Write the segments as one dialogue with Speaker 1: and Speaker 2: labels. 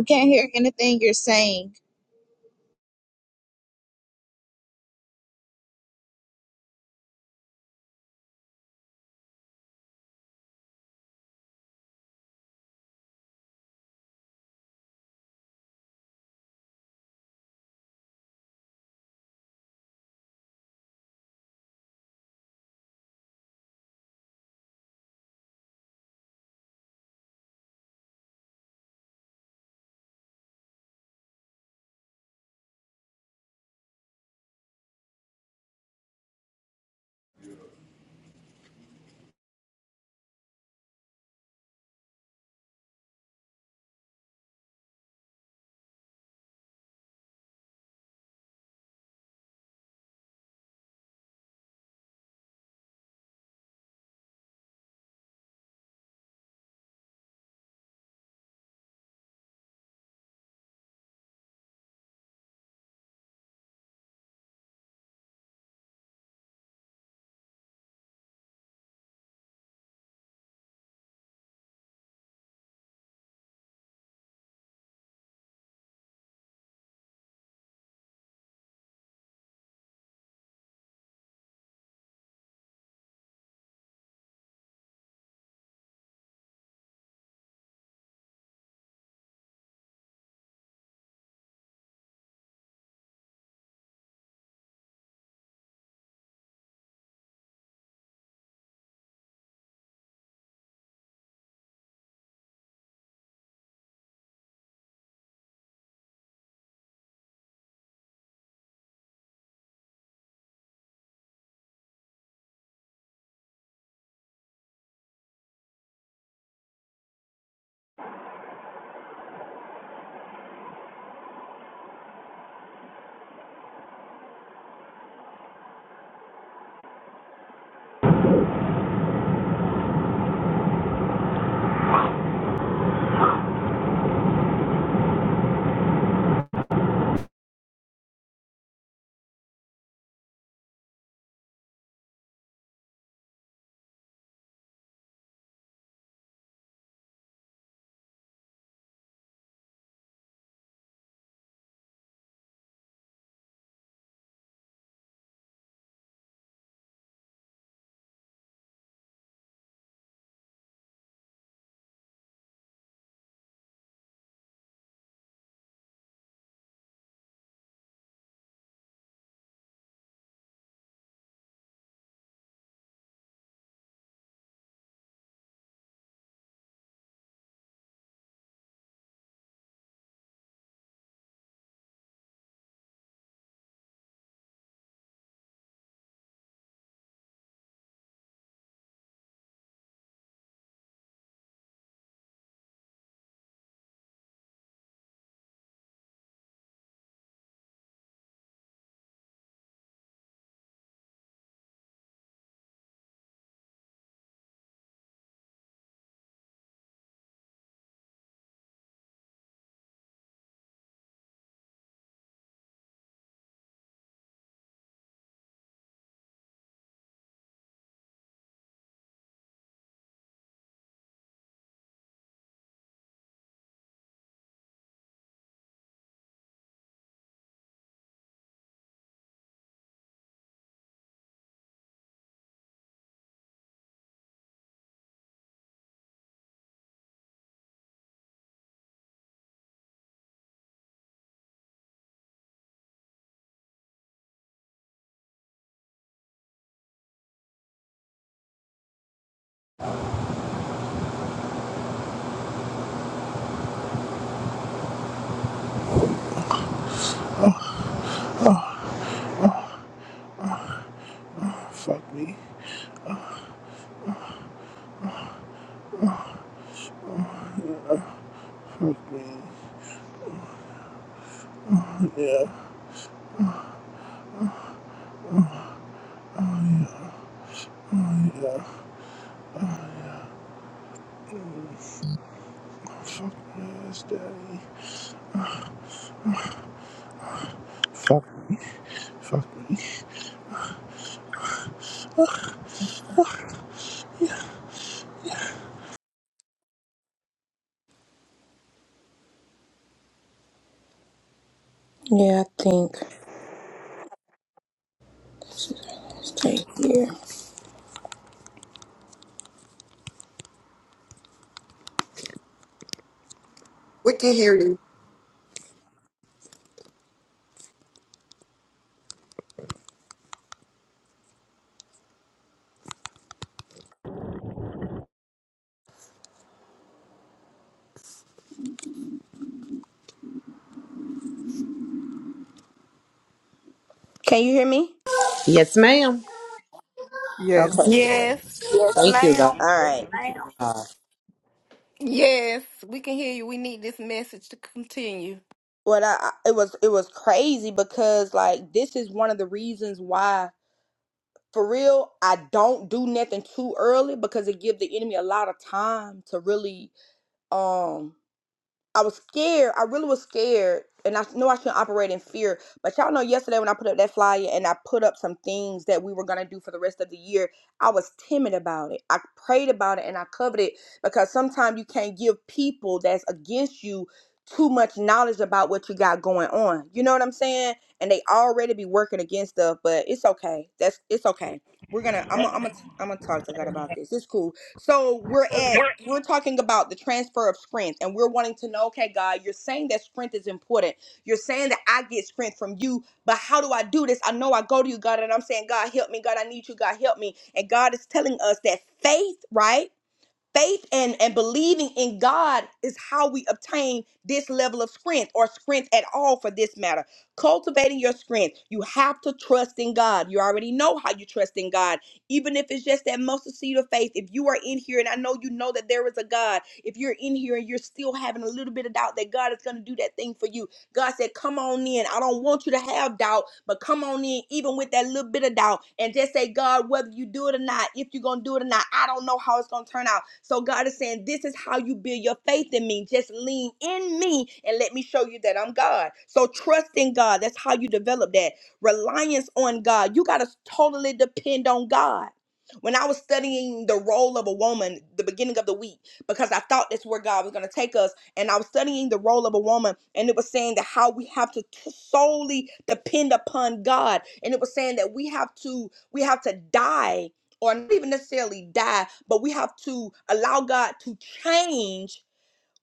Speaker 1: I can't hear anything you're saying.
Speaker 2: Fuck me. Fuck me. Yeah, yeah. Yes, daddy. Fuck me. Fuck me.
Speaker 3: Yeah, I think right here.
Speaker 4: We can hear you.
Speaker 3: Can you hear me?
Speaker 5: Yes, ma'am.
Speaker 6: Yes.
Speaker 3: Okay. good.
Speaker 7: Yes,
Speaker 8: Yes,
Speaker 5: Thank you,
Speaker 8: ma'am.
Speaker 3: All
Speaker 5: God.
Speaker 8: Yes,
Speaker 3: right.
Speaker 8: ma'am.
Speaker 7: yes, we can hear you. We need this message to continue.
Speaker 3: Well, I, I- it was it was crazy because like this is one of the reasons why for real I don't do nothing too early because it give the enemy a lot of time to really um I was scared. I really was scared. And I know I shouldn't operate in fear. But y'all know yesterday when I put up that flyer and I put up some things that we were going to do for the rest of the year, I was timid about it. I prayed about it and I covered it because sometimes you can't give people that's against you too much knowledge about what you got going on. You know what I'm saying? And they already be working against stuff, but it's okay. That's it's okay. We're gonna I'm gonna I'm gonna I'm gonna talk to God about this. It's cool. So we're at we're talking about the transfer of strength and we're wanting to know, okay, God, you're saying that strength is important. You're saying that I get strength from you, but how do I do this? I know I go to you, God, and I'm saying, God, help me. God, I need you. God, help me. And God is telling us that faith, right? faith and, and believing in God is how we obtain this level of strength or strength at all for this matter. Cultivating your strength, you have to trust in God. You already know how you trust in God, even if it's just that mustard seed of faith. If you are in here and I know you know that there is a God, if you're in here and you're still having a little bit of doubt that God is going to do that thing for you, God said, Come on in. I don't want you to have doubt, but come on in, even with that little bit of doubt, and just say, God, whether you do it or not, if you're going to do it or not, I don't know how it's going to turn out. So God is saying, This is how you build your faith in me. Just lean in me and let me show you that I'm God. So trust in God. That's how you develop that reliance on God. You got to totally depend on God. When I was studying the role of a woman the beginning of the week, because I thought that's where God was going to take us and I was studying the role of a woman, and it was saying that how we have to t- solely depend upon God, and it was saying that we have to we have to die, or not even necessarily die, but we have to allow God to change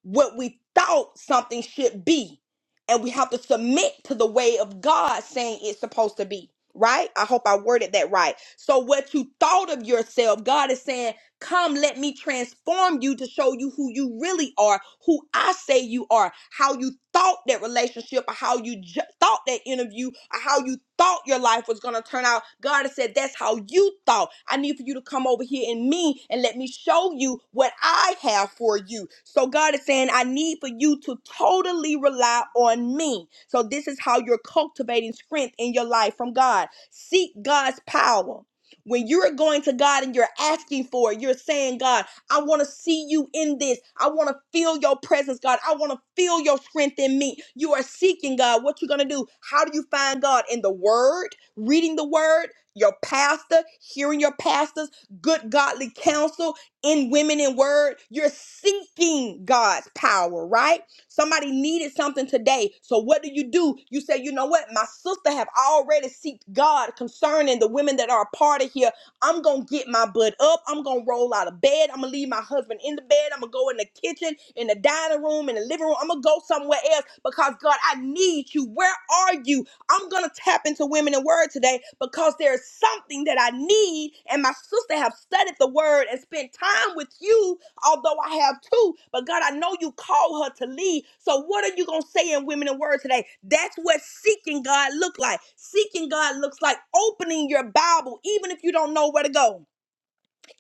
Speaker 3: what we thought something should be, and we have to submit to the way of God saying it's supposed to be. Right? I hope I worded that right. So, what you thought of yourself, God is saying Come, let me transform you to show you who you really are, who I say you are, how you thought that relationship, or how you ju- thought that interview, or how you thought your life was going to turn out. God has said, That's how you thought. I need for you to come over here in me and let me show you what I have for you. So, God is saying, I need for you to totally rely on me. So, this is how you're cultivating strength in your life from God. Seek God's power when you're going to God and you're asking for it, you're saying, God, I want to see you in this. I want to feel your presence, God. I want to feel your strength in me. You are seeking God. What you going to do? How do you find God? In the word, reading the word, your pastor, hearing your pastors, good godly counsel in women in word. You're seeking God's power, right? Somebody needed something today. So what do you do? You say, you know what? My sister have already seeked God concerning the women that are a part of here. I'm gonna get my butt up. I'm gonna roll out of bed. I'm gonna leave my husband in the bed. I'm gonna go in the kitchen, in the dining room, in the living room. I'm gonna go somewhere else because God, I need you. Where are you? I'm gonna tap into women in word today because there is something that I need, and my sister have studied the word and spent time with you although I have two, but God, I know you called her to lead. So what are you going to say in Women in Word today? That's what seeking God look like. Seeking God looks like opening your Bible, even if you don't know where to go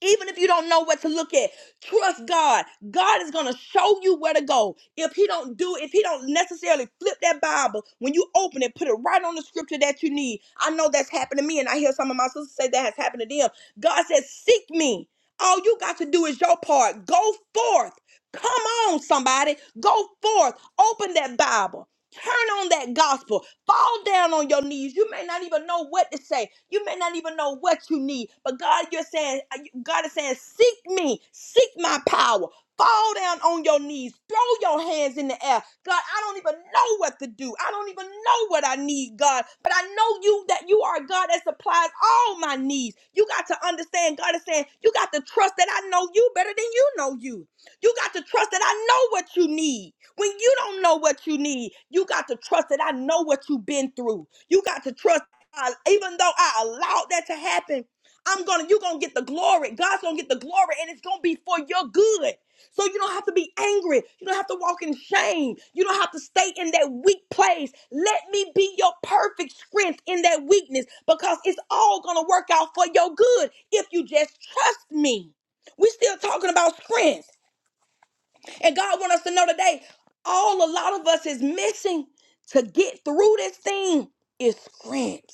Speaker 3: even if you don't know what to look at, trust God. God is going to show you where to go. If he don't do if he don't necessarily flip that Bible, when you open it, put it right on the scripture that you need. I know that's happened to me and I hear some of my sisters say that has happened to them. God says, "Seek me." All you got to do is your part. Go forth. Come on somebody, go forth. Open that Bible. Turn on that gospel. Fall down on your knees. You may not even know what to say. You may not even know what you need. But God, you're saying, God is saying, seek me, seek my power. Fall down on your knees. Throw your hands in the air. God, I don't even know what to do. I don't even know what I need, God. But I know you that you are a God that supplies all my needs. You got to understand, God is saying, you got to trust that I know you better than you know you. You got to trust that I know what you need. When you don't know what you need, you got to trust that I know what you've been through. You got to trust, I, even though I allowed that to happen, I'm gonna, you're gonna get the glory. God's gonna get the glory, and it's gonna be for your good. So you don't have to be angry. You don't have to walk in shame. You don't have to stay in that weak place. Let me be your perfect strength in that weakness because it's all going to work out for your good if you just trust me. We're still talking about strength. And God wants us to know today, all a lot of us is missing to get through this thing is friends.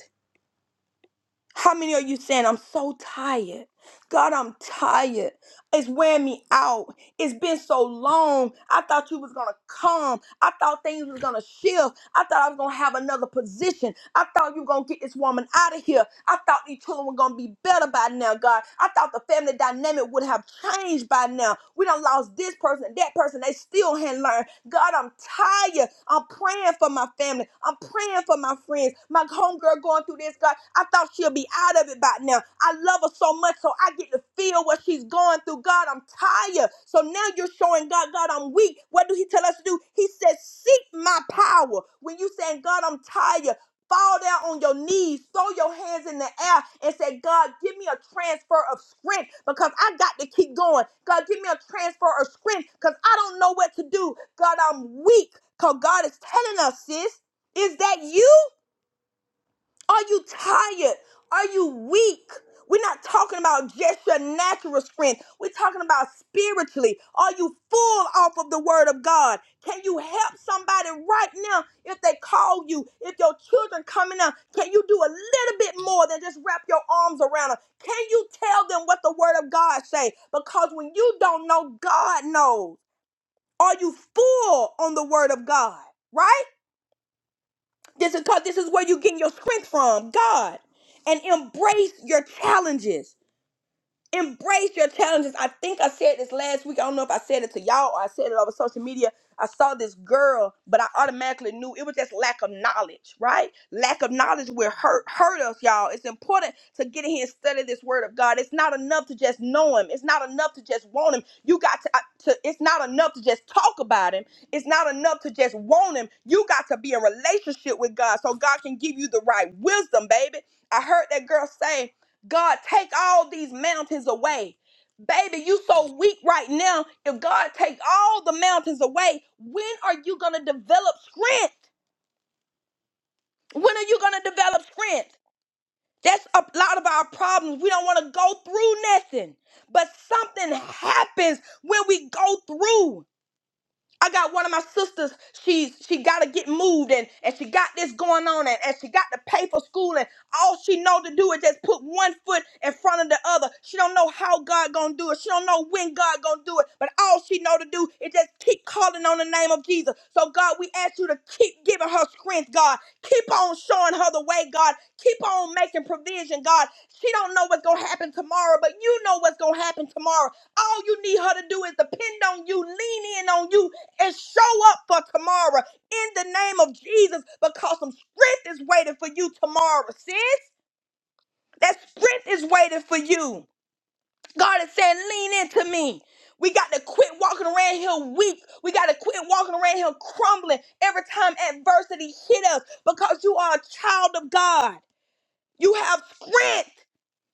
Speaker 3: How many are you saying, I'm so tired? God, I'm tired. It's wearing me out. It's been so long. I thought you was gonna come. I thought things was gonna shift. I thought I was gonna have another position. I thought you were gonna get this woman out of here. I thought these children were gonna be better by now, God. I thought the family dynamic would have changed by now. We done lost this person, that person. They still hadn't learned. God, I'm tired. I'm praying for my family. I'm praying for my friends. My homegirl going through this, God. I thought she'll be out of it by now. I love her so much, so I get to feel what she's going through. God, I'm tired. So now you're showing God, God, I'm weak. What do He tell us to do? He says, Seek my power. When you saying, God, I'm tired, fall down on your knees, throw your hands in the air, and say, God, give me a transfer of strength because I got to keep going. God, give me a transfer of strength because I don't know what to do. God, I'm weak. Because God is telling us, sis, is that you? Are you tired? Are you weak? We're not talking about just your natural strength. We're talking about spiritually. Are you full off of the word of God? Can you help somebody right now if they call you? If your children coming up, can you do a little bit more than just wrap your arms around them? Can you tell them what the word of God say? Because when you don't know, God knows. Are you full on the word of God? Right? This is cause this is where you get your strength from, God. And embrace your challenges. Embrace your challenges. I think I said this last week. I don't know if I said it to y'all or I said it over social media. I saw this girl, but I automatically knew it was just lack of knowledge, right? Lack of knowledge will hurt hurt us, y'all. It's important to get in here and study this word of God. It's not enough to just know him. It's not enough to just want him. You got to, to it's not enough to just talk about him. It's not enough to just want him. You got to be in relationship with God so God can give you the right wisdom, baby. I heard that girl say God, take all these mountains away. Baby, you so weak right now. If God take all the mountains away, when are you going to develop strength? When are you going to develop strength? That's a lot of our problems. We don't want to go through nothing, but something happens when we go through. I got one of my sisters, she's she gotta get moved and, and she got this going on and, and she got to pay for school and all she know to do is just put one foot in front of the other. She don't know how God gonna do it. She don't know when God gonna do it, but all she know to do is just keep calling on the name of Jesus. So God, we ask you to keep giving her strength, God. Keep on showing her the way, God. Keep on making provision, God. She don't know what's gonna happen tomorrow, but you know what's gonna happen tomorrow. All you need her to do is depend on you, lean in on you, and show up for tomorrow in the name of Jesus because some strength is waiting for you tomorrow, sis. That strength is waiting for you. God is saying, lean into me. We got to quit walking around here weak. We got to quit walking around here crumbling every time adversity hit us because you are a child of God. You have strength.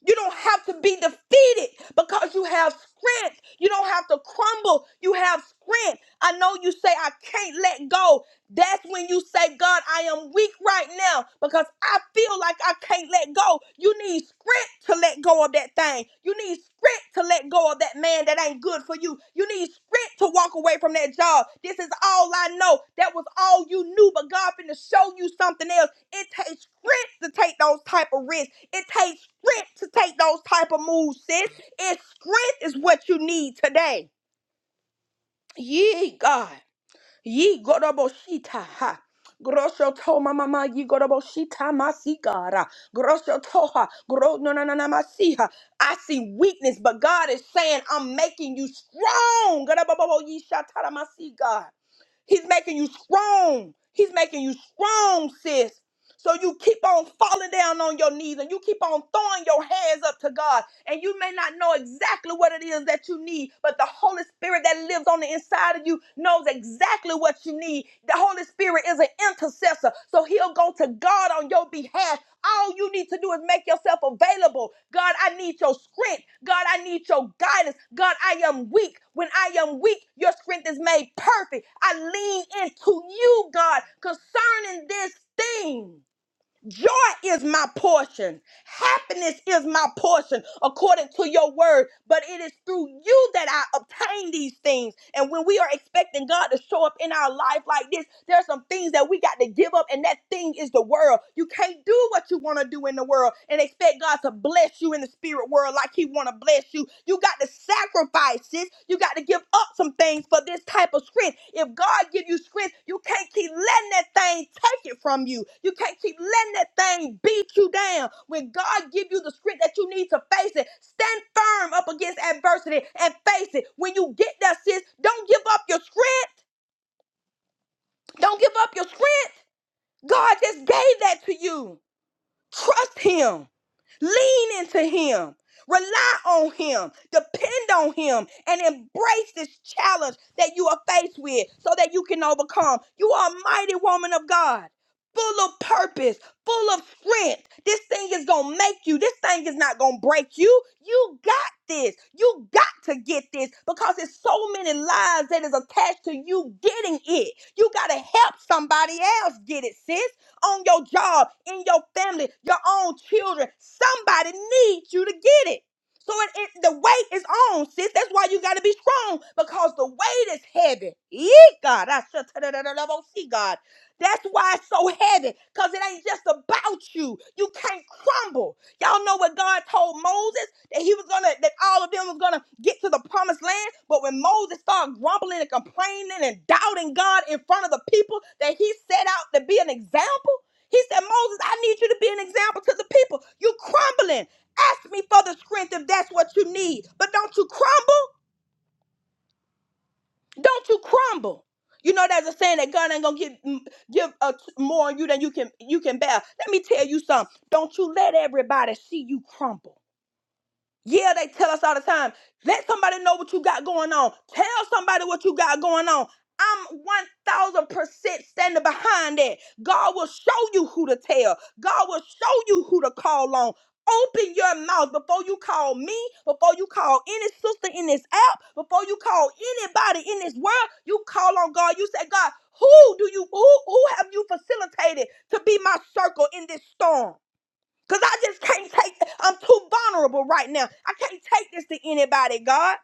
Speaker 3: You don't have to be defeated because you have strength. You don't have to crumble. You have strength. I know you say, I can't let go. That's when you say, God, I am weak right now because I feel like I can't let go. You need strength to let go of that thing. You need strength to let go of that man that ain't good for you. You need strength to walk away from that job. This is all I know. That was all you knew, but God finna show you something else. It takes strength to take those type of risks. It takes strength to take those type of moves, sis. It's strength is what you need today. Ye God. Ye Goroboshita. ha. Grosho to mama ma ye Goroboshita masigara. Grosho toha. Gro no na na na masiha. I see weakness, but God is saying, I'm making you strong. Gorobobo ye shatara masi, God. He's making you strong. He's making you strong, sis. So you keep on falling down on your knees and you keep on throwing your hands up to God. And you may not know exactly what it is that you need, but the Holy Spirit that lives on the inside of you knows exactly what you need. The Holy Spirit is an intercessor, so he'll go to God on your behalf. All you need to do is make yourself available. God, I need your strength. God, I need your guidance. God, I am weak. When I am weak, your strength is made perfect. I lean into you, God, concerning this thing. Joy is my portion. Happiness is my portion according to your word. But it is through you that I obtain these things. And when we are expecting God to show up in our life like this, there are some things that we got to give up, and that thing is the world. You can't do what you want to do in the world and expect God to bless you in the spirit world like He want to bless you. You got to sacrifice, sis. You got to give up some things for this type of strength. If God give you strength, you can't keep letting that thing take it from you. You can't keep letting that thing beat you down. When God give you the strength that you need to face it, stand firm up against adversity and face it. When you get there, sis, don't give up your strength. Don't give up your strength. God just gave that to you. Trust him. Lean into him. Rely on him. Depend on him and embrace this challenge that you are faced with so that you can overcome. You are a mighty woman of God. Full of purpose, full of strength. This thing is gonna make you. This thing is not gonna break you. You got this. You got to get this because it's so many lives that is attached to you getting it. You gotta help somebody else get it, sis on your job, in your family, your own children. Somebody needs you to get it. So it, it, the weight is on, sis. That's why you got to be strong because the weight is heavy. Yee, God, I should see God. That's why it's so heavy because it ain't just about you. You can't crumble. Y'all know what God told Moses that he was gonna that all of them was gonna get to the promised land. But when Moses started grumbling and complaining and doubting God in front of the people that he set out to be an example, he said, Moses, I need you to be an example to the people. You crumbling. Ask me for the strength if that's what you need. But don't you crumble. Don't you crumble. You know there's a saying that God ain't gonna give give uh, more on you than you can you can bear. Let me tell you something. Don't you let everybody see you crumble. Yeah, they tell us all the time. Let somebody know what you got going on. Tell somebody what you got going on. I'm 1000% standing behind that. God will show you who to tell, God will show you who to call on. Open your mouth before you call me, before you call any sister in this app, before you call anybody in this world. You call on God. You say, God, who do you who who have you facilitated to be my circle in this storm? Because I just can't take, I'm too vulnerable right now. I can't take this to anybody, God.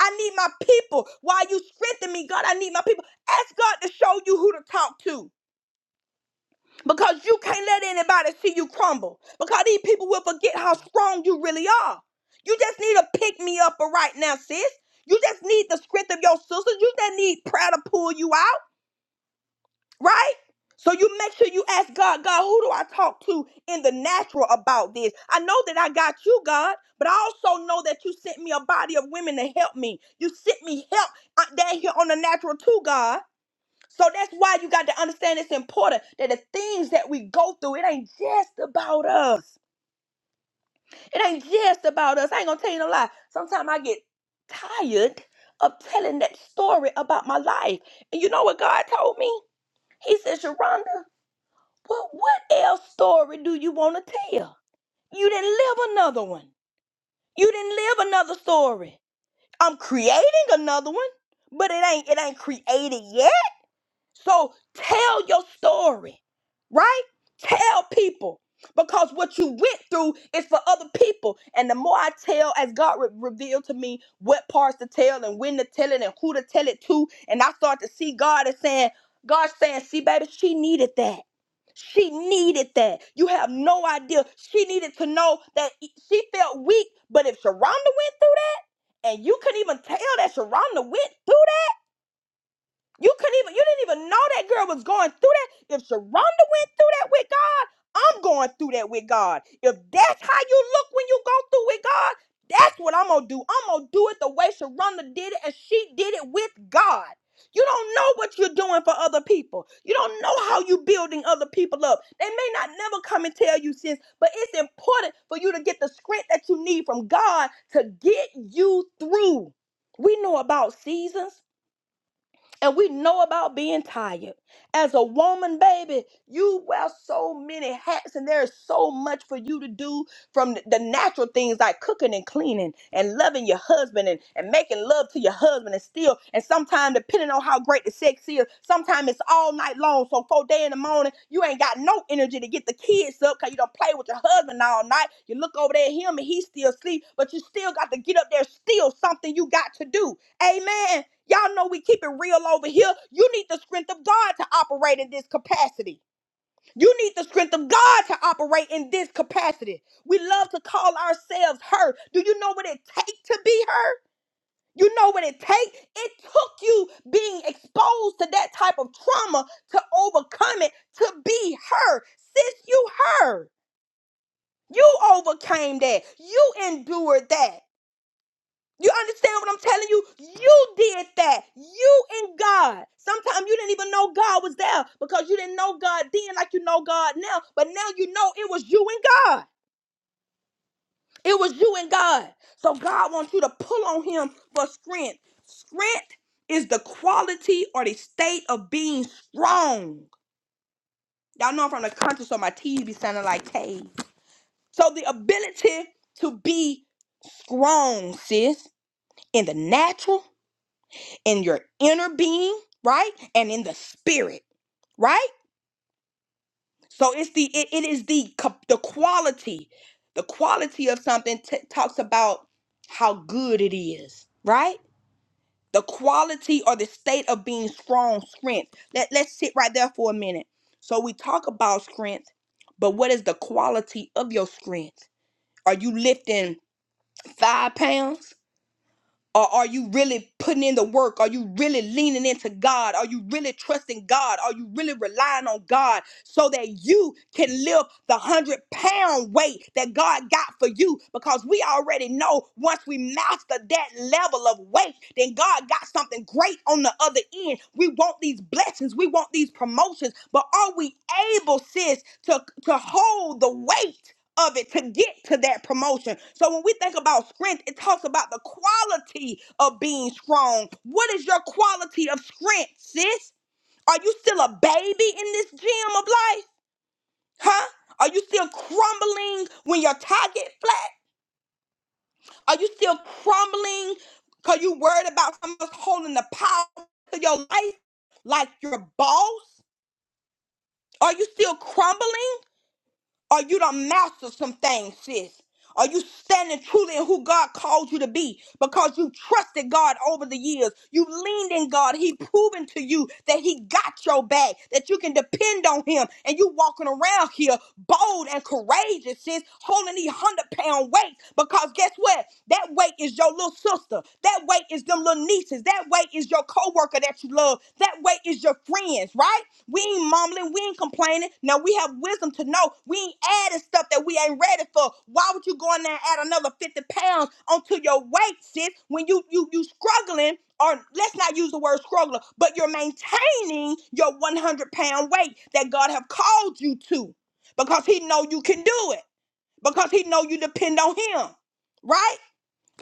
Speaker 3: I need my people. While you strengthen me, God, I need my people. Ask God to show you who to talk to. Because you can't let anybody see you crumble. Because these people will forget how strong you really are. You just need a pick me up right now, sis. You just need the strength of your sisters. You just need prayer to pull you out. Right? So you make sure you ask God, God, who do I talk to in the natural about this? I know that I got you, God, but I also know that you sent me a body of women to help me. You sent me help uh, down here on the natural too, God. So that's why you got to understand it's important that the things that we go through, it ain't just about us. It ain't just about us. I ain't gonna tell you no lie. Sometimes I get tired of telling that story about my life. And you know what God told me? He said, Sharonda, what what else story do you want to tell? You didn't live another one. You didn't live another story. I'm creating another one, but it ain't it ain't created yet. So tell your story, right? Tell people because what you went through is for other people. And the more I tell, as God re- revealed to me what parts to tell and when to tell it and who to tell it to, and I start to see God as saying, God saying, see, baby, she needed that. She needed that. You have no idea. She needed to know that e, she felt weak, but if Sharonda went through that, and you couldn't even tell that Sharonda went through you couldn't even, you didn't even know that girl was going through that. If Sharonda went through that with God, I'm going through that with God. If that's how you look when you go through with God, that's what I'm gonna do. I'm gonna do it the way Sharonda did it, and she did it with God. You don't know what you're doing for other people. You don't know how you are building other people up. They may not never come and tell you sis, but it's important for you to get the script that you need from God to get you through. We know about seasons and we know about being tired. As a woman, baby, you wear so many hats, and there is so much for you to do from the the natural things like cooking and cleaning and loving your husband and, and making love to your husband and still, and sometimes depending on how great the sex is, sometimes it's all night long. So four day in the morning, you ain't got no energy to get the kids up because you don't play with your husband all night. You look over there at him and he still asleep, but you still got to get up there, still something you got to do. Amen. Y'all know we keep it real over here. You need the strength of God to operate in this capacity. You need the strength of God to operate in this capacity. We love to call ourselves her. Do you know what it takes to be her? You know what it takes? It took you being exposed to that type of trauma to overcome it, to be her. Sis, you her. You overcame that. You endured that. You understand what I'm telling you? You did that. You and God. Sometimes you didn't even know God was there because you didn't know God then like you know God now. But now you know it was you and God. It was you and God. So God wants you to pull on him for strength. Strength is the quality or the state of being strong. Y'all know I'm from the country, so my T's be sounding like K's. So the ability to be strong, sis, in the natural in your inner being, right? And in the spirit, right? So it's the it, it is the co- the quality. The quality of something t- talks about how good it is, right? The quality or the state of being strong, strength. Let let's sit right there for a minute. So we talk about strength, but what is the quality of your strength? Are you lifting 5 pounds? Or are you really putting in the work? Are you really leaning into God? Are you really trusting God? Are you really relying on God so that you can lift the hundred pound weight that God got for you? Because we already know once we master that level of weight, then God got something great on the other end. We want these blessings, we want these promotions, but are we able, sis, to, to hold the weight? of it to get to that promotion. So when we think about strength, it talks about the quality of being strong. What is your quality of strength, sis? Are you still a baby in this gym of life? Huh? Are you still crumbling when your target flat? Are you still crumbling because you worried about someone else holding the power to your life like your boss? Are you still crumbling? Are you done master some things, sis? Are you standing truly in who God called you to be? Because you trusted God over the years. You leaned in God. He proven to you that He got your back, that you can depend on Him. And you walking around here bold and courageous, sis, holding these 100 pound weight. Because guess what? That weight is your little sister. That weight is them little nieces. That weight is your coworker that you love. That way is your friends, right? We ain't mumbling, we ain't complaining. Now we have wisdom to know we ain't adding stuff that we ain't ready for. Why would you go in there and add another 50 pounds onto your weight, sis, when you you you struggling? Or let's not use the word struggler, but you're maintaining your 100 pound weight that God have called you to because He know you can do it because He know you depend on Him, right?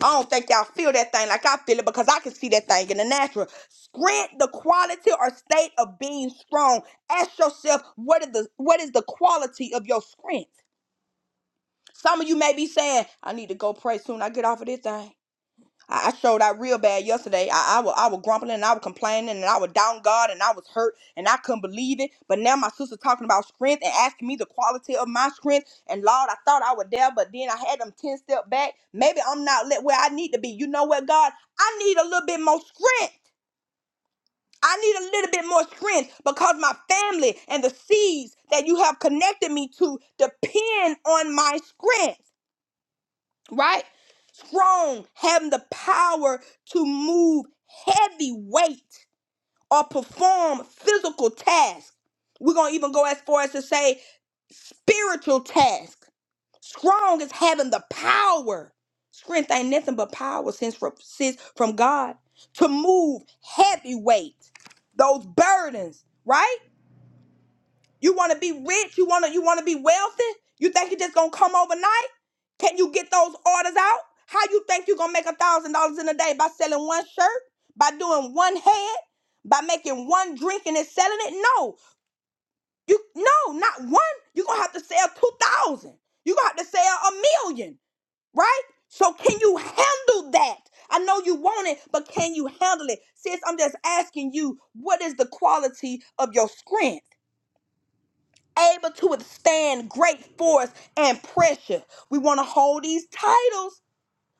Speaker 3: I don't think y'all feel that thing like I feel it because I can see that thing in the natural. Spread the quality or state of being strong. Ask yourself what is the what is the quality of your strength. Some of you may be saying, I need to go pray soon. I get off of this thing. I I showed out real bad yesterday. I, I was I was grumbling and I was complaining and I was down God and I was hurt and I couldn't believe it. But now my sister talking about strength and asking me the quality of my strength. And Lord, I thought I was there, but then I had them ten step back. Maybe I'm not let where I need to be. You know what, God? I need a little bit more strength. I need a little bit more strength because my family and the seeds that you have connected me to depend on my strength right? Strong, having the power to move heavy weight or perform physical tasks. We're going to even go as far as to say spiritual tasks. Strong is having the power. Strength ain't nothing but power since from, since from God to move heavy weight, those burdens, right? You want to be rich? You want to you want to be wealthy? You think you're just gonna come overnight? Can you get those orders out? How you think you're gonna make a thousand dollars in a day by selling one shirt, by doing one head, by making one drink and then selling it? No, you no, not one. You're gonna have to sell two thousand. You're gonna have to sell a million, right? So can you handle that? I know you want it, but can you handle it? Sis, I'm just asking you, what is the quality of your strength? able to withstand great force and pressure. We want to hold these titles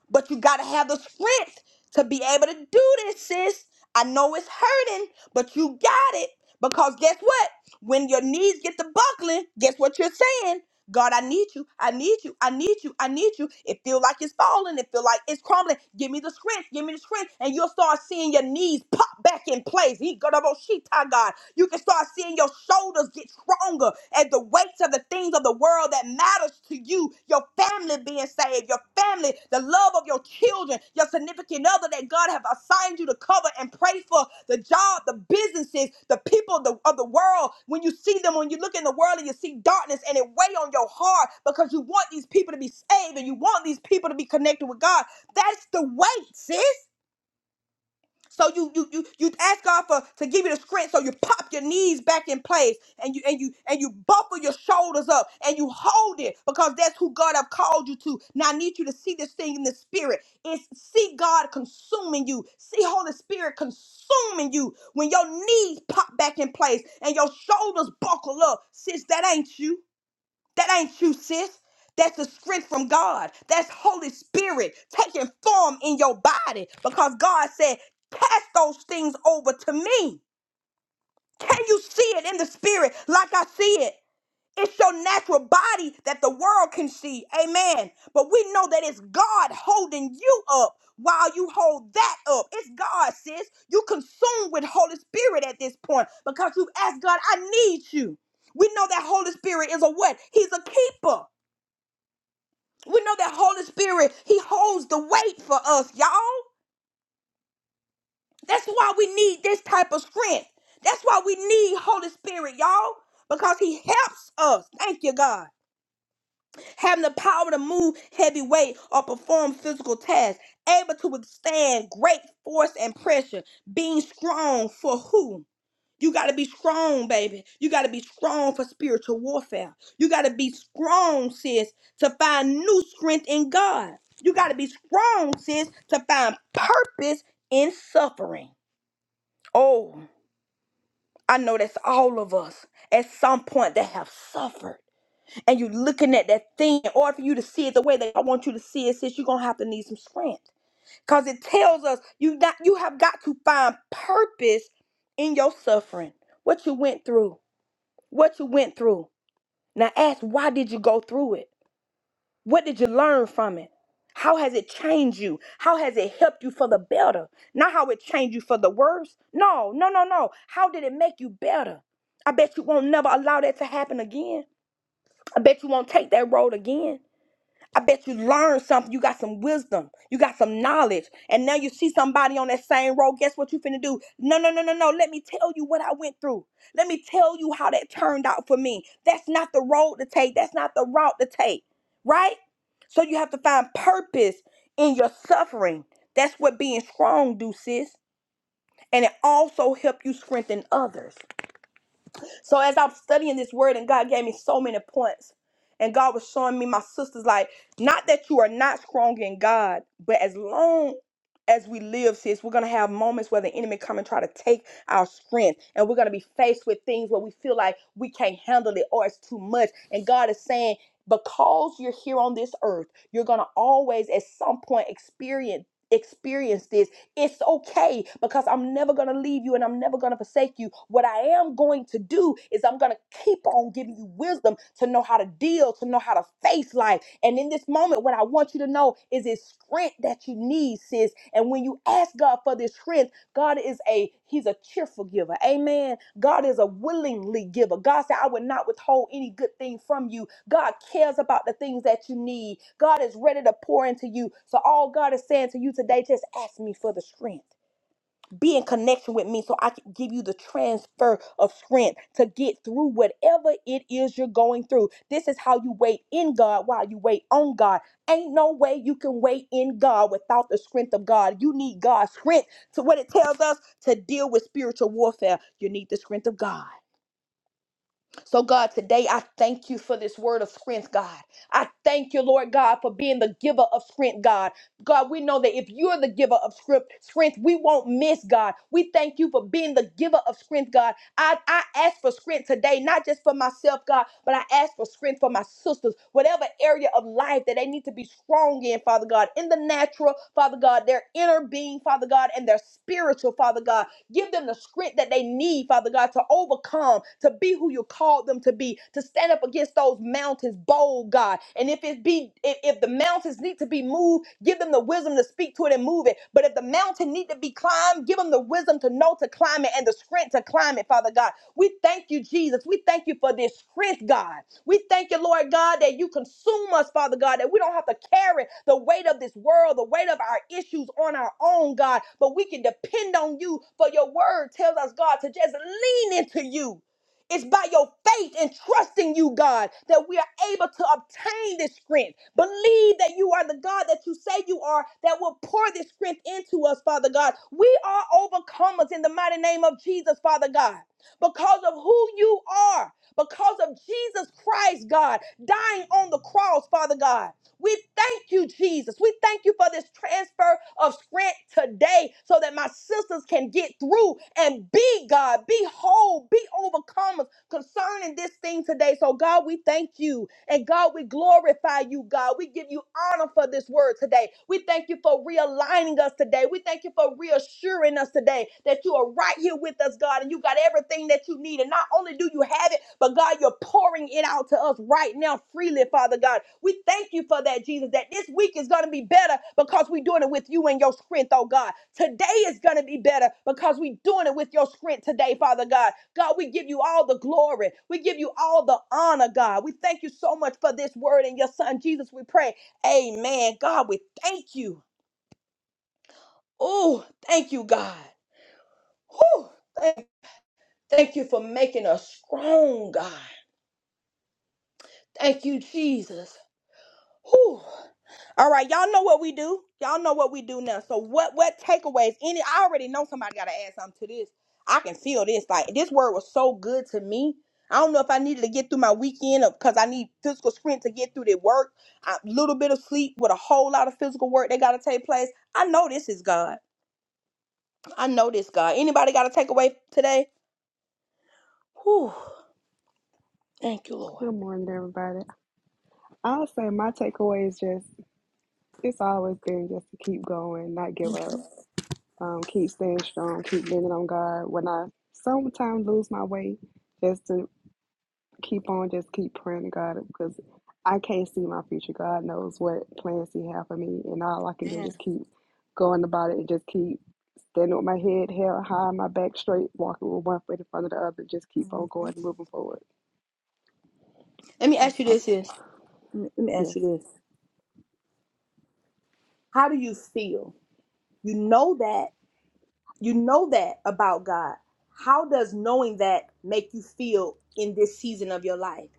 Speaker 3: but you got to have the strength to be able to do this, sis. I know it's hurting, but you got it. Because guess what? When your knees get to buckling, guess what you're saying? God, I need you. I need you. I need you. I need you. It feel like it's falling. It feel like it's crumbling. Give me the strength. Give me the strength. And you'll start seeing your knees pop back in place. He got about sheet God. You can start seeing your shoulders get stronger and the weights of the things of the world that matters to you, your family family being saved, your family, the love of your children, your significant other that God have assigned you to cover and pray for the job, the businesses, the people the, of the world. When you see them, when you look in the world and you see darkness and it weigh on your heart because you want these people to be saved and you want these people to be connected with God. That's the weight, sis. So you you you you ask God for to give you the strength. So you pop your knees back in place and you and you and you buckle your shoulders up and you hold it because that's who God have called you to. Now I need you to see this thing in the spirit. It's see God consuming you. See Holy Spirit consuming you when your knees pop back in place and your shoulders buckle up. Sis, that ain't you. That ain't you, sis. That's the strength from God. That's Holy Spirit taking form in your body because God said, Cast those things over to me. Can you see it in the spirit like I see it? It's your natural body that the world can see. Amen. But we know that it's God holding you up while you hold that up. It's God, sis. You consumed with Holy Spirit at this point because you've asked God, I need you. We know that Holy Spirit is a what? He's a keeper. We know that Holy Spirit, He holds the weight for us, y'all. That's why we need this type of strength. That's why we need Holy Spirit, y'all, because He helps us. Thank you, God. Having the power to move heavy weight or perform physical tasks, able to withstand great force and pressure, being strong for who? You got to be strong, baby. You got to be strong for spiritual warfare. You got to be strong, sis, to find new strength in God. You got to be strong, sis, to find purpose in suffering. Oh, I know that's all of us at some point that have suffered. And you looking at that thing, in order for you to see it the way that I want you to see it, sis, you're gonna have to need some strength. Cause it tells us you not you have got to find purpose in your suffering, what you went through what you went through. Now ask why did you go through it? What did you learn from it? How has it changed you? How has it helped you for the better? Not how it changed you for the worse. No, no, no, no. How did it make you better? I bet you won't never allow that to happen again. I bet you won't take that road again. I bet you learned something. You got some wisdom. You got some knowledge. And now you see somebody on that same road. Guess what you finna do? No, no, no, no, no. Let me tell you what I went through. Let me tell you how that turned out for me. That's not the road to take. That's not the route to take. Right? So you have to find purpose in your suffering. That's what being strong do, sis. And it also help you strengthen others. So as I'm studying this word, and God gave me so many points, and God was showing me my sisters, like, not that you are not strong in God, but as long as we live, sis, we're gonna have moments where the enemy come and try to take our strength, and we're gonna be faced with things where we feel like we can't handle it or it's too much. And God is saying, because you're here on this earth, you're gonna always at some point experience experience this it's okay because I'm never going to leave you and I'm never going to forsake you. What I am going to do is I'm going to keep on giving you wisdom to know how to deal, to know how to face life. And in this moment, what I want you to know is it's strength that you need, sis. And when you ask God for this strength, God is a He's a cheerful giver. Amen. God is a willingly giver. God said, I will not withhold any good thing from you. God cares about the things that you need. God is ready to pour into you. So all God is saying to you today, just ask me for the strength. Be in connection with me so I can give you the transfer of strength to get through whatever it is you're going through. This is how you wait in God while you wait on God. Ain't no way you can wait in God without the strength of God. You need God's strength to what it tells us to deal with spiritual warfare. You need the strength of God. So, God, today I thank you for this word of strength, God. I thank you, Lord God, for being the giver of strength, God. God, we know that if you're the giver of script, strength, we won't miss, God. We thank you for being the giver of strength, God. I, I ask for strength today, not just for myself, God, but I ask for strength for my sisters, whatever area of life that they need to be strong in, Father God, in the natural, Father God, their inner being, Father God, and their spiritual, Father God. Give them the strength that they need, Father God, to overcome, to be who you called them to be, to stand up against those mountains bold, God. And if it be, if, if the mountains need to be moved, give them the wisdom to speak to it and move it. But if the mountain need to be climbed, give them the wisdom to know to climb it and the strength to to climate, Father God. We thank you, Jesus. We thank you for this strength, God. We thank you, Lord God, that you consume us, Father God, that we don't have to carry the weight of this world, the weight of our issues on our own, God, but we can depend on you for your word tells us, God, to just lean into you. It's by your faith and trusting you, God, that we are able to obtain this strength. Believe that you are the God that you say you are, that will pour this strength into us, Father God. We are overcomers in the mighty name of Jesus, Father God, because of who you are, because of Jesus Christ, God, dying on the cross, Father God. We thank you, Jesus. We thank you for this transfer of strength today so that my sisters can get through and be God, be whole, be overcomers concerning this thing today. So, God, we thank you. And God, we glorify you, God. We give you honor for this word today. We thank you for realigning us today. We thank you for reassuring us today that you are right here with us, God, and you got everything that you need. And not only do you have it, but God, you're pouring it out to us right right now freely, Father God. We thank you for that, Jesus, that this week is going to be better because we're doing it with you and your strength, oh God. Today is going to be better because we're doing it with your strength today, Father God. God, we give you all the glory. We give you all the honor, God. We thank you so much for this word and your son, Jesus, we pray. Amen. God, we thank you. Oh, thank you, God. Whew. Thank, thank you for making us strong, God. Thank you, Jesus. Whew. All right, y'all know what we do. Y'all know what we do now. So what what takeaways? Any I already know somebody gotta add something to this. I can feel this. Like this word was so good to me. I don't know if I needed to get through my weekend because I need physical strength to get through the work. A little bit of sleep with a whole lot of physical work that gotta take place. I know this is God. I know this God. Anybody got a takeaway today? Whew. Thank you, Lord.
Speaker 6: Good morning, everybody. I'll say my takeaway is just it's always been just to keep going, not give up, um, keep staying strong, keep leaning on God. When I sometimes lose my way, just to keep on, just keep praying to God because I can't see my future. God knows what plans He has for me, and all I can do is
Speaker 3: Yeah.
Speaker 6: just keep going about it and just keep standing with my head held high, my back straight, walking with one foot in front of the other, just keep on
Speaker 3: Mhm.
Speaker 6: going, moving forward.
Speaker 3: Let me ask
Speaker 6: That's
Speaker 3: you
Speaker 6: all.
Speaker 3: this. Is let me ask
Speaker 6: Yes.
Speaker 3: you this. How do you feel? You know that. You know that about God. How does knowing that make you feel in this season of your life?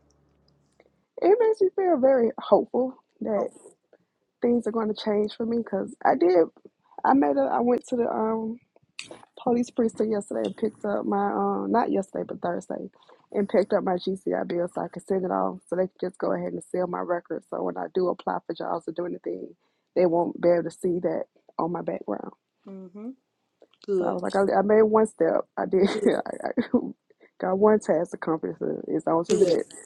Speaker 6: It makes me feel very hopeful that
Speaker 3: Hope.
Speaker 6: things are going to change for me because I did. I made a. I went to the um police precinct yesterday and picked up my um not yesterday but Thursday, and picked up my GCI bill so I could send it off so they could just go ahead and seal my record. So when I do apply for jobs or do anything, they won't be able to see that on my background.
Speaker 3: Mm-hmm.
Speaker 6: So I
Speaker 3: Good.
Speaker 6: was like, I, I made one step. I did.
Speaker 3: Good.
Speaker 6: I, I got one task accomplished. It's on to the
Speaker 3: Good.
Speaker 6: next.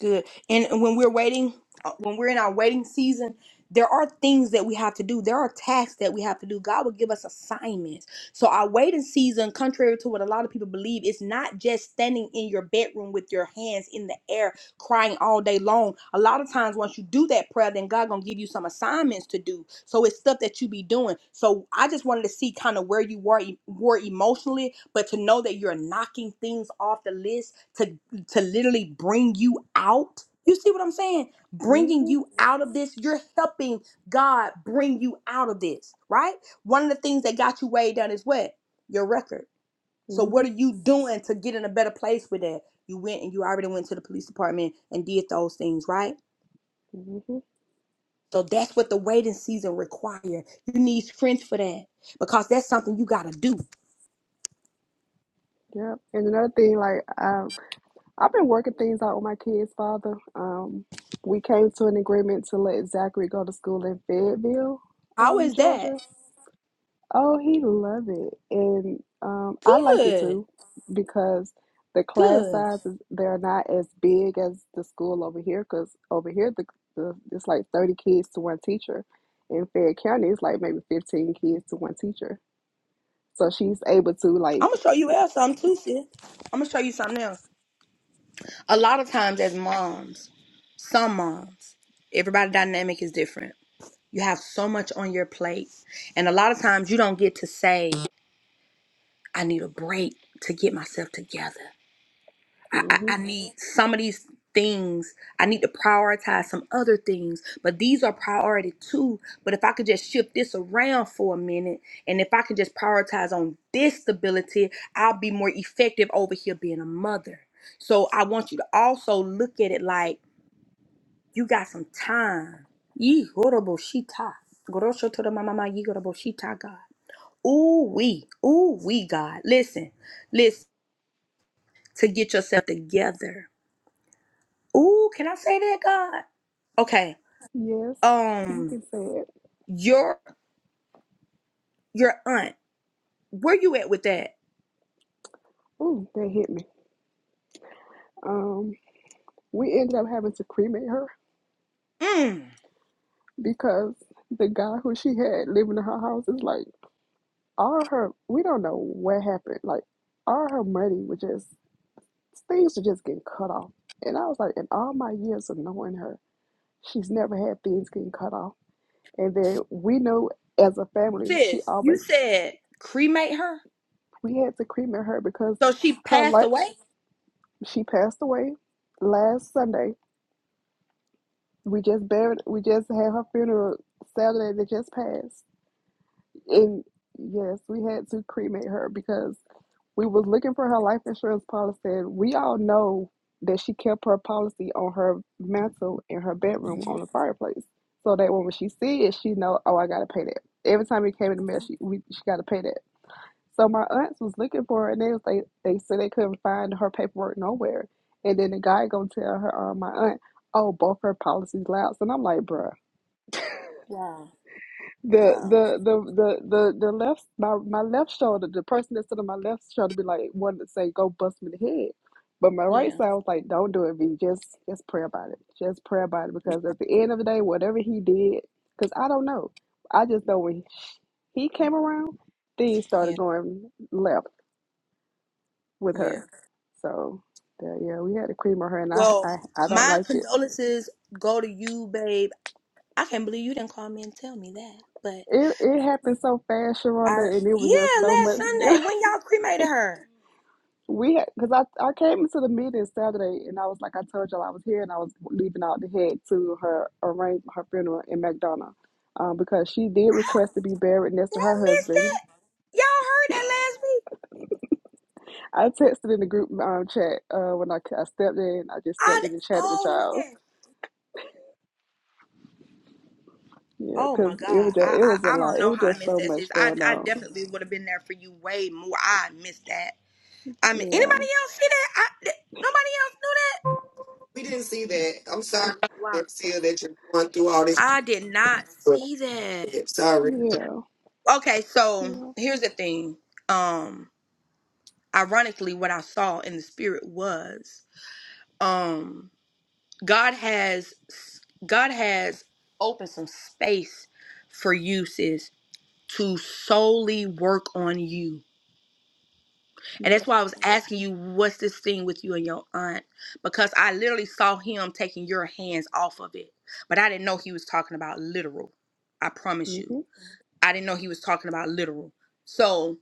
Speaker 3: Good. And when we're waiting, uh, when we're in our waiting season, there are things that we have to do. There are tasks that we have to do. God will give us assignments. So our waiting season, contrary to what a lot of people believe, it's not just standing in your bedroom with your hands in the air crying all day long. A lot of times, once you do that prayer, then God gonna give you some assignments to do. So it's stuff that you be doing. So I just wanted to see kind of where you were, e-, were emotionally, but to know that you're knocking things off the list to literally bring you out. You see what I'm saying? Bringing
Speaker 6: Mhm.
Speaker 3: you out of this. You're helping God bring you out of this, right? One of the things that got you weighed down is what? Your record. So, what
Speaker 6: Mhm.
Speaker 3: are you doing to get in a better place with that? You went and you already went to the police department and did those things, right?
Speaker 6: Mhm.
Speaker 3: So, that's what the waiting season require. You need strength for that because that's something you got to do.
Speaker 6: Yep. And another thing, like um, I've been working things out with my kids' father. Um, we came to an agreement to let Zachary go to school in Fayetteville,
Speaker 3: How
Speaker 6: um,
Speaker 3: is that?
Speaker 6: Georgia. Oh, he love it, and um, I like it
Speaker 3: Good.
Speaker 6: too because the class
Speaker 3: Good.
Speaker 6: sizes they're not as big as the school over here. Because over here, the, the it's like thirty kids to one teacher. In Fayette County, it's like maybe fifteen kids to one teacher. So she's able to like
Speaker 3: I'm going to show you else something too, sis. I'm going to show you something else. A lot of times, as moms, some moms, everybody dynamic is different. You have so much on your plate, and a lot of times you don't get to say, "I need a break to get myself together. I, I,
Speaker 6: hmm
Speaker 3: I need some of these things. I need to prioritize some other things, but these are priority too. But if I could just shift this around for a minute, and if I can just prioritize on this stability, I'll be more effective over here being a mother." So I want you to also look at it like You got some time. Ye horrible shita. Grosho to the mama, ma, ye horrible shita, God. Ooh, we. Ooh, we, God. Listen, listen, to get yourself together. Ooh, can I say that, God? Okay.
Speaker 6: Yes, you
Speaker 3: Um,
Speaker 6: can say it.
Speaker 3: your your aunt, where you at with that?
Speaker 6: Ooh, that hit me. Um, we ended up having to cremate her
Speaker 3: Mm,
Speaker 6: because the guy who she had living in her house is like all her. We don't know what happened. Like all her money was just Things are just getting cut off. And I was like, in all my years of knowing her, she's never had things getting cut off. And then we know as a family, she
Speaker 3: sis, you
Speaker 6: always,
Speaker 3: said cremate her?
Speaker 6: we had to cremate her because
Speaker 3: So she
Speaker 6: her
Speaker 3: passed
Speaker 6: life,
Speaker 3: away?
Speaker 6: she passed away last Sunday. We just buried, we just had her funeral Saturday that just passed. And yes, we had to cremate her because we was looking for her life insurance policy. and We all know that she kept her policy on her mantle in her bedroom on
Speaker 3: Mhm.
Speaker 6: the fireplace, so that when she see it, she know, oh, I gotta pay that. Every time it came in the mail, she we, she gotta pay that. So my aunts was looking for her, and they was, they they said they couldn't find her paperwork nowhere. And then the guy gonna tell her, uh, my aunt, oh, both her policies lapsed, and I'm like, bruh
Speaker 3: Wow.
Speaker 6: the
Speaker 3: Wow.
Speaker 6: the the the the the left my my left shoulder, the person that stood on my left shoulder be like wanted to say, Go bust me in the head. But my right
Speaker 3: Yeah.
Speaker 6: side was like, Don't do it, V. Just just pray about it. Just pray about it because at the end of the day, whatever he did, because I don't know. I just know when he came around, things
Speaker 3: Yeah.
Speaker 6: started going left with
Speaker 3: Yeah.
Speaker 6: her. So yeah, yeah, we had to cream on her, and I,
Speaker 3: Well,
Speaker 6: I, I don't
Speaker 3: my
Speaker 6: like it.
Speaker 3: condolences go to you, babe. I can't believe you didn't call me and tell me that. But
Speaker 6: It it happened so fast,
Speaker 3: I
Speaker 6: Sharonda, and it was just
Speaker 3: yeah,
Speaker 6: so
Speaker 3: last
Speaker 6: much.
Speaker 3: Sunday when y'all cremated her.
Speaker 6: We had because I I came into the meeting Saturday and I was like I told y'all I was here and I was leaving out to head to her arrange her funeral in McDonough. Um, because she did
Speaker 3: I-
Speaker 6: request to be buried next
Speaker 3: Did
Speaker 6: to
Speaker 3: I
Speaker 6: her
Speaker 3: miss
Speaker 6: husband.
Speaker 3: that? Y'all heard that last week?
Speaker 6: I texted in the group um, chat uh, when I, I stepped in. I just
Speaker 3: I
Speaker 6: stepped in and
Speaker 3: d-
Speaker 6: chatted with
Speaker 3: oh
Speaker 6: y'all.
Speaker 3: man.
Speaker 6: Yeah,
Speaker 3: Oh
Speaker 6: because
Speaker 3: my
Speaker 6: it
Speaker 3: god.
Speaker 6: was just
Speaker 3: I
Speaker 6: it was a
Speaker 3: I, I
Speaker 6: lot.
Speaker 3: don't
Speaker 6: It
Speaker 3: know
Speaker 6: was
Speaker 3: how I
Speaker 6: just
Speaker 3: missed
Speaker 6: so
Speaker 3: that sis.
Speaker 6: much
Speaker 3: I
Speaker 6: going
Speaker 3: I
Speaker 6: on.
Speaker 3: definitely would have been there for you way more. I missed that. I mean anybody
Speaker 6: Yeah,
Speaker 3: else see that? I th- nobody else
Speaker 4: We didn't see that. I'm sorry,
Speaker 3: knew that? Wow.
Speaker 4: Seal, that you're going through all this.
Speaker 3: I did not see that.
Speaker 4: bullshit. Sorry.
Speaker 6: yeah,
Speaker 3: Okay, so
Speaker 6: yeah,
Speaker 3: here's the thing. Um, ironically what i saw in the spirit was um god has god has opened some space for you sis to solely work on you and
Speaker 6: yeah.
Speaker 3: that's why i was asking you what's this thing with you and your aunt because i literally saw him taking your hands off of it but i didn't know he was talking about literal i promise you
Speaker 6: Mm-hmm.
Speaker 3: I didn't know he was talking about literal. So,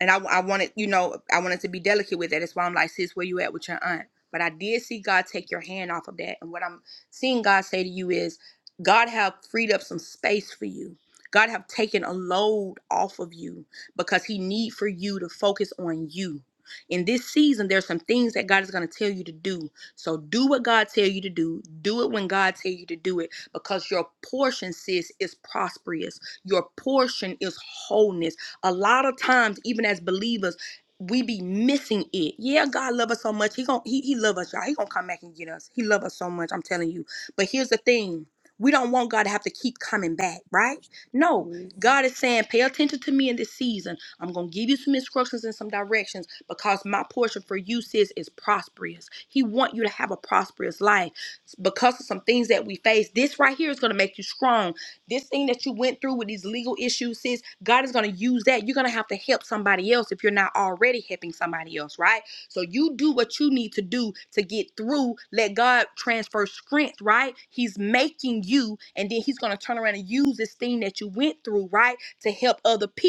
Speaker 3: and I, I wanted, you know, I wanted to be delicate with that. That's why I'm like, sis, where you at with your aunt? But I did see God take your hand off of that. And what I'm seeing God say to you is, God have freed up some space for you. God have taken a load off of you because he need for you to focus on you. In this season, there's some things that God is going to tell you to do. So do what God tell you to do. Do it when God tell you to do it because your portion, sis, is prosperous your portion is wholeness. A lot of times, even as believers, we be missing it. Yeah, God love us so much. He gon' he, he love us, y'all. He gonna come back and get us. He love us so much. I'm telling you. But here's the thing. We don't want God to have to keep coming back, right? No.
Speaker 6: mm-hmm,
Speaker 3: God is saying, pay attention to me in this season. I'm gonna give you some instructions and some directions because my portion for you, sis, is prosperous. He want you to have a prosperous life because of some things that we face. This right here is gonna make you strong. This thing that you went through with these legal issues, sis, God is going to use that. You're going to have to help somebody else if you're not already helping somebody else, right? So you do what you need to do to get through. Let God transfer strength, right? He's making you, and then He's going to turn around and use this thing that you went through, right, to help other people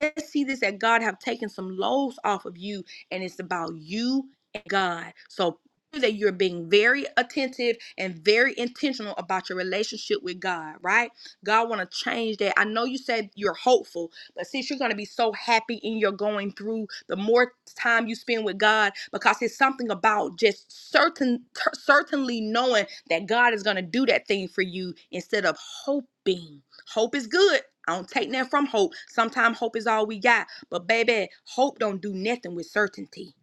Speaker 3: Let's see this that God have taken some loads off of you, and it's about you and God. So that you're being very attentive and very intentional about your relationship with God, right? God want to change that. I know you said you're hopeful, but since you're going to be so happy in your going through, the more time you spend with God, because it's something about just certain, certainly knowing that God is going to do that thing for you instead of hoping. Hope is good. I don't take nothing from hope. Sometimes hope is all we got. But baby, hope don't do nothing with certainty.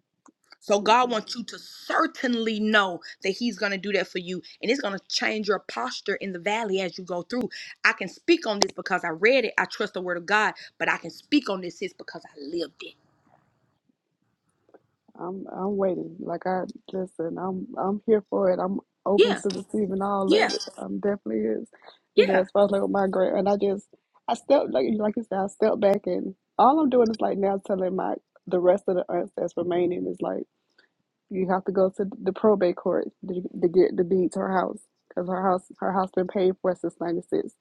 Speaker 3: So
Speaker 6: mm-hmm.
Speaker 3: God wants you to certainly know that He's gonna do that for you. And it's gonna change your posture in the valley as you go through. I can speak on this because I read it. I trust the word of God, but I can speak on this is because I lived it.
Speaker 6: I'm I'm waiting. Like I listen, I'm I'm here for it. I'm open
Speaker 3: Yeah,
Speaker 6: to receiving all
Speaker 3: yeah,
Speaker 6: of it. I'm definitely is, you know,
Speaker 3: yeah,
Speaker 6: as far as like with my grant and I just I step like like you said, I step back and all I'm doing is like now telling my the rest of the aunts that's remaining is like you have to go to the probate court to, to get the deed to her house because her house her house been paid for since '96.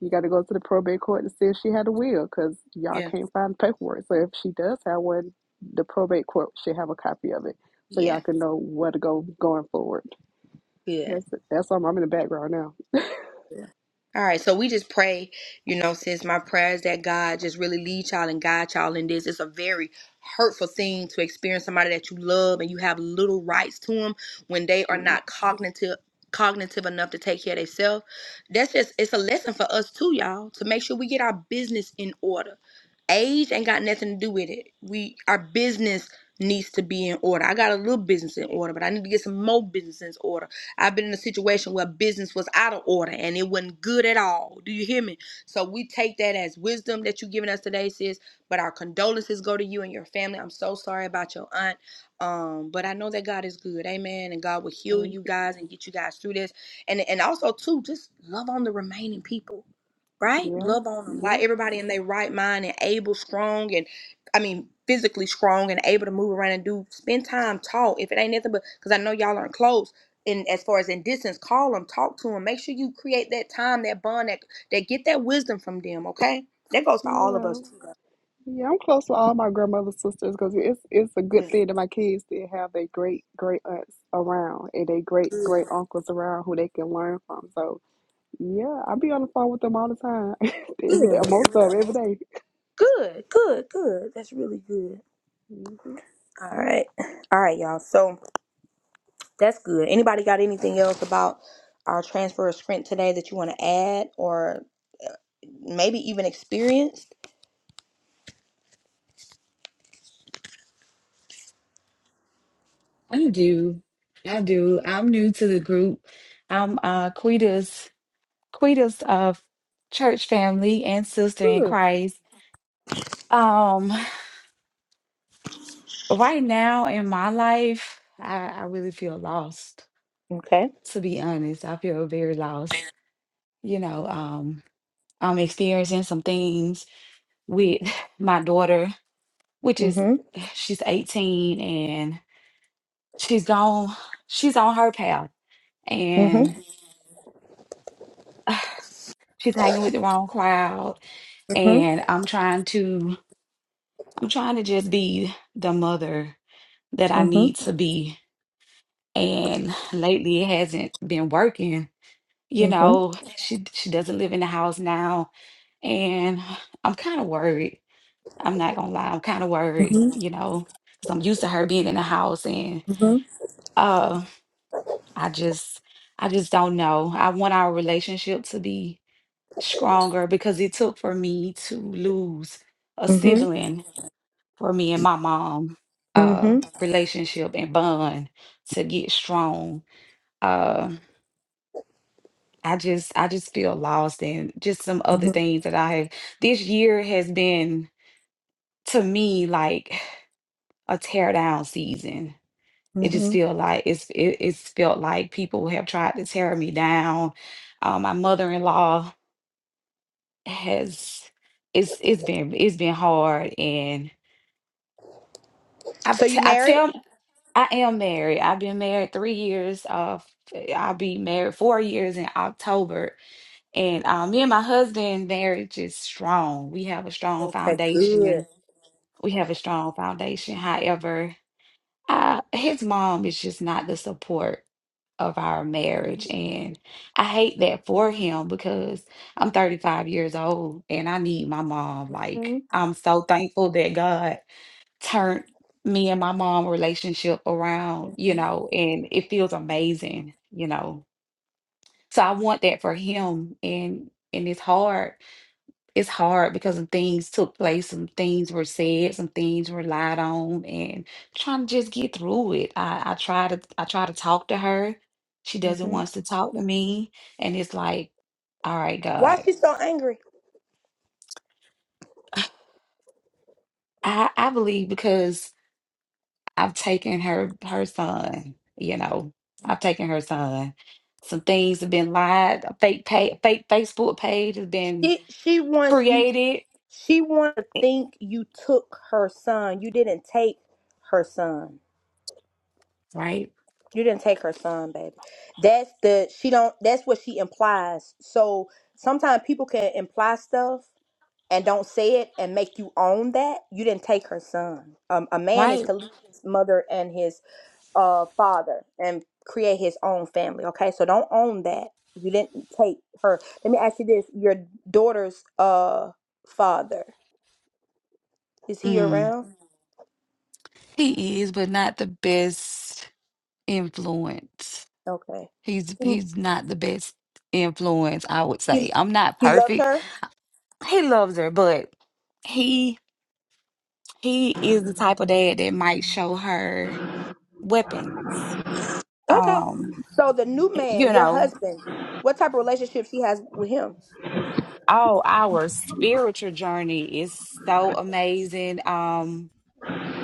Speaker 6: You got to go to the probate court to see if she had a will because y'all
Speaker 3: yeah,
Speaker 6: can't find the paperwork. So if she does have one, the probate court should have a copy of it so y'all
Speaker 3: yeah.
Speaker 6: can know where to go going forward.
Speaker 3: Good.
Speaker 6: That's it. That's all. I'm, in the background now.
Speaker 3: Yeah. All right, so we just pray, you know, sis, my prayers that God just really lead y'all and guide y'all in this. It's a very hurtful thing to experience somebody that you love and you have little rights to them when they are
Speaker 6: Mm,
Speaker 3: not cognitive cognitive enough to take care of themselves. That's just it's a lesson for us too, y'all, to make sure we get our business in order. Age ain't got nothing to do with it. We our business needs to be in order. I got a little business in order, but I need to get some more business in order. I've been in a situation where business was out of order and it wasn't good at all. Do you hear me? So we take that as wisdom that you've given us today, sis. But our condolences go to you and your family. I'm so sorry about your aunt. Um, but I know that God is good, amen. And God will heal you guys and get you guys through this. And and also too, just love on the remaining people, right? Love on them.
Speaker 6: Yeah, yeah,
Speaker 3: Like everybody in their right mind and able, strong, and I mean physically strong and able to move around and do spend time, talk. If it ain't nothing but because I know y'all aren't close in as far as in distance, call them, talk to them. Make sure you create that time, that bond, that that get that wisdom from them. Okay, that goes for all of
Speaker 6: yeah.
Speaker 3: us too. though.
Speaker 6: Yeah, I'm close to all my grandmother's sisters because it's it's a good thing that my kids did have their great great aunts around and their great great
Speaker 3: Good,
Speaker 6: uncles around who they can learn from. So yeah, I be on the phone with them all the time, every day, most of 'em, every day.
Speaker 3: good, good, good, good. That's really good.
Speaker 6: Mm-hmm.
Speaker 3: All right, all right, y'all. So that's good. Anybody got anything else about our transfer of strength today that you want to add, or maybe even experienced?
Speaker 9: I do. I do. I'm new to the group. I'm uh Quita's Quita's uh church family and sister in
Speaker 3: Good.
Speaker 9: Christ. Um right now in my life, I, I really feel lost,
Speaker 3: Okay.
Speaker 9: to be honest. I feel very lost. You know, um I'm experiencing some things with my daughter, which is
Speaker 3: Mhm.
Speaker 9: she's 18 and she's gone she's on her path
Speaker 3: Mhm.
Speaker 9: and she's hanging with the wrong crowd
Speaker 3: Mhm.
Speaker 9: and I'm trying to I'm trying to just be the mother that I need
Speaker 3: Mhm.
Speaker 9: to be. And lately it hasn't been working. You
Speaker 3: Mhm.
Speaker 9: know, she she doesn't live in the house now and I'm kind of worried. I'm not gonna lie, I'm kind of worried,
Speaker 3: Mhm.
Speaker 9: you know, because I'm used to her being in the house and
Speaker 3: Mhm.
Speaker 9: uh I just I just don't know. I want our relationship to be stronger because it took for me to lose a
Speaker 3: Mhm.
Speaker 9: sibling for me and my mom uh
Speaker 3: Mhm.
Speaker 9: relationship and bond to get strong uh i just i just feel lost and just some other
Speaker 3: Mhm.
Speaker 9: things that i have this year has been to me like a tear down season it
Speaker 3: Mhm.
Speaker 9: just feel like it's it, it's felt like people have tried to tear me down uh, my mother-in-law has it's it's been it's been hard and I've
Speaker 3: So
Speaker 9: t-
Speaker 3: you
Speaker 9: I
Speaker 3: married?
Speaker 9: tell I am married. I've been married three years. Uh, f- I'll be married four years in October. And uh, me and my husband, marriage is strong. We have a strong
Speaker 3: Okay, good.
Speaker 9: foundation. We have a strong foundation. However, uh, his mom is just not the support of our marriage. And I hate that for him because I'm 35 years old and I need my mom. Like,
Speaker 3: hmm
Speaker 9: I'm so thankful that God turned me and my mom relationship around, you know, and it feels amazing, you know. So I want that for him and and it's hard. It's hard because some things took place, some things were said, some things were lied on and trying to just get through it. I, I try to I try to talk to her. She doesn't
Speaker 3: hmm
Speaker 9: want to talk to me. And it's like, all right,
Speaker 3: Why
Speaker 9: God.
Speaker 3: she so angry?
Speaker 9: I, I believe because I've taken her her son, you know, I've taken her son. Some things have been lied, a fake pay, fake Facebook page has been
Speaker 3: She she wants you.
Speaker 9: created,
Speaker 3: She wants to think you took her son. You didn't take her son.
Speaker 9: right?
Speaker 3: You didn't take her son, baby. That's the she don't. That's what she implies. So sometimes people can imply stuff and don't say it and make you own that you didn't take her son. Um, a man is
Speaker 9: Right.
Speaker 3: to leave his mother and his uh father and create his own family okay so don't own that you didn't take her let me ask you this your daughter's uh father is he
Speaker 9: Mm.
Speaker 3: around
Speaker 9: He is, but not the best influence.
Speaker 3: okay
Speaker 9: He's
Speaker 3: Mm,
Speaker 9: he's not the best influence, I would
Speaker 3: he
Speaker 9: say. I'm not
Speaker 3: he loved
Speaker 9: perfect.
Speaker 3: her
Speaker 9: He loves her, but he he is the type of dad that might show her weapons.
Speaker 3: okay
Speaker 9: Um,
Speaker 3: so the new man
Speaker 9: you
Speaker 3: your
Speaker 9: know,
Speaker 3: husband what type of relationship she has with him
Speaker 9: Oh, our spiritual journey is so amazing. Um,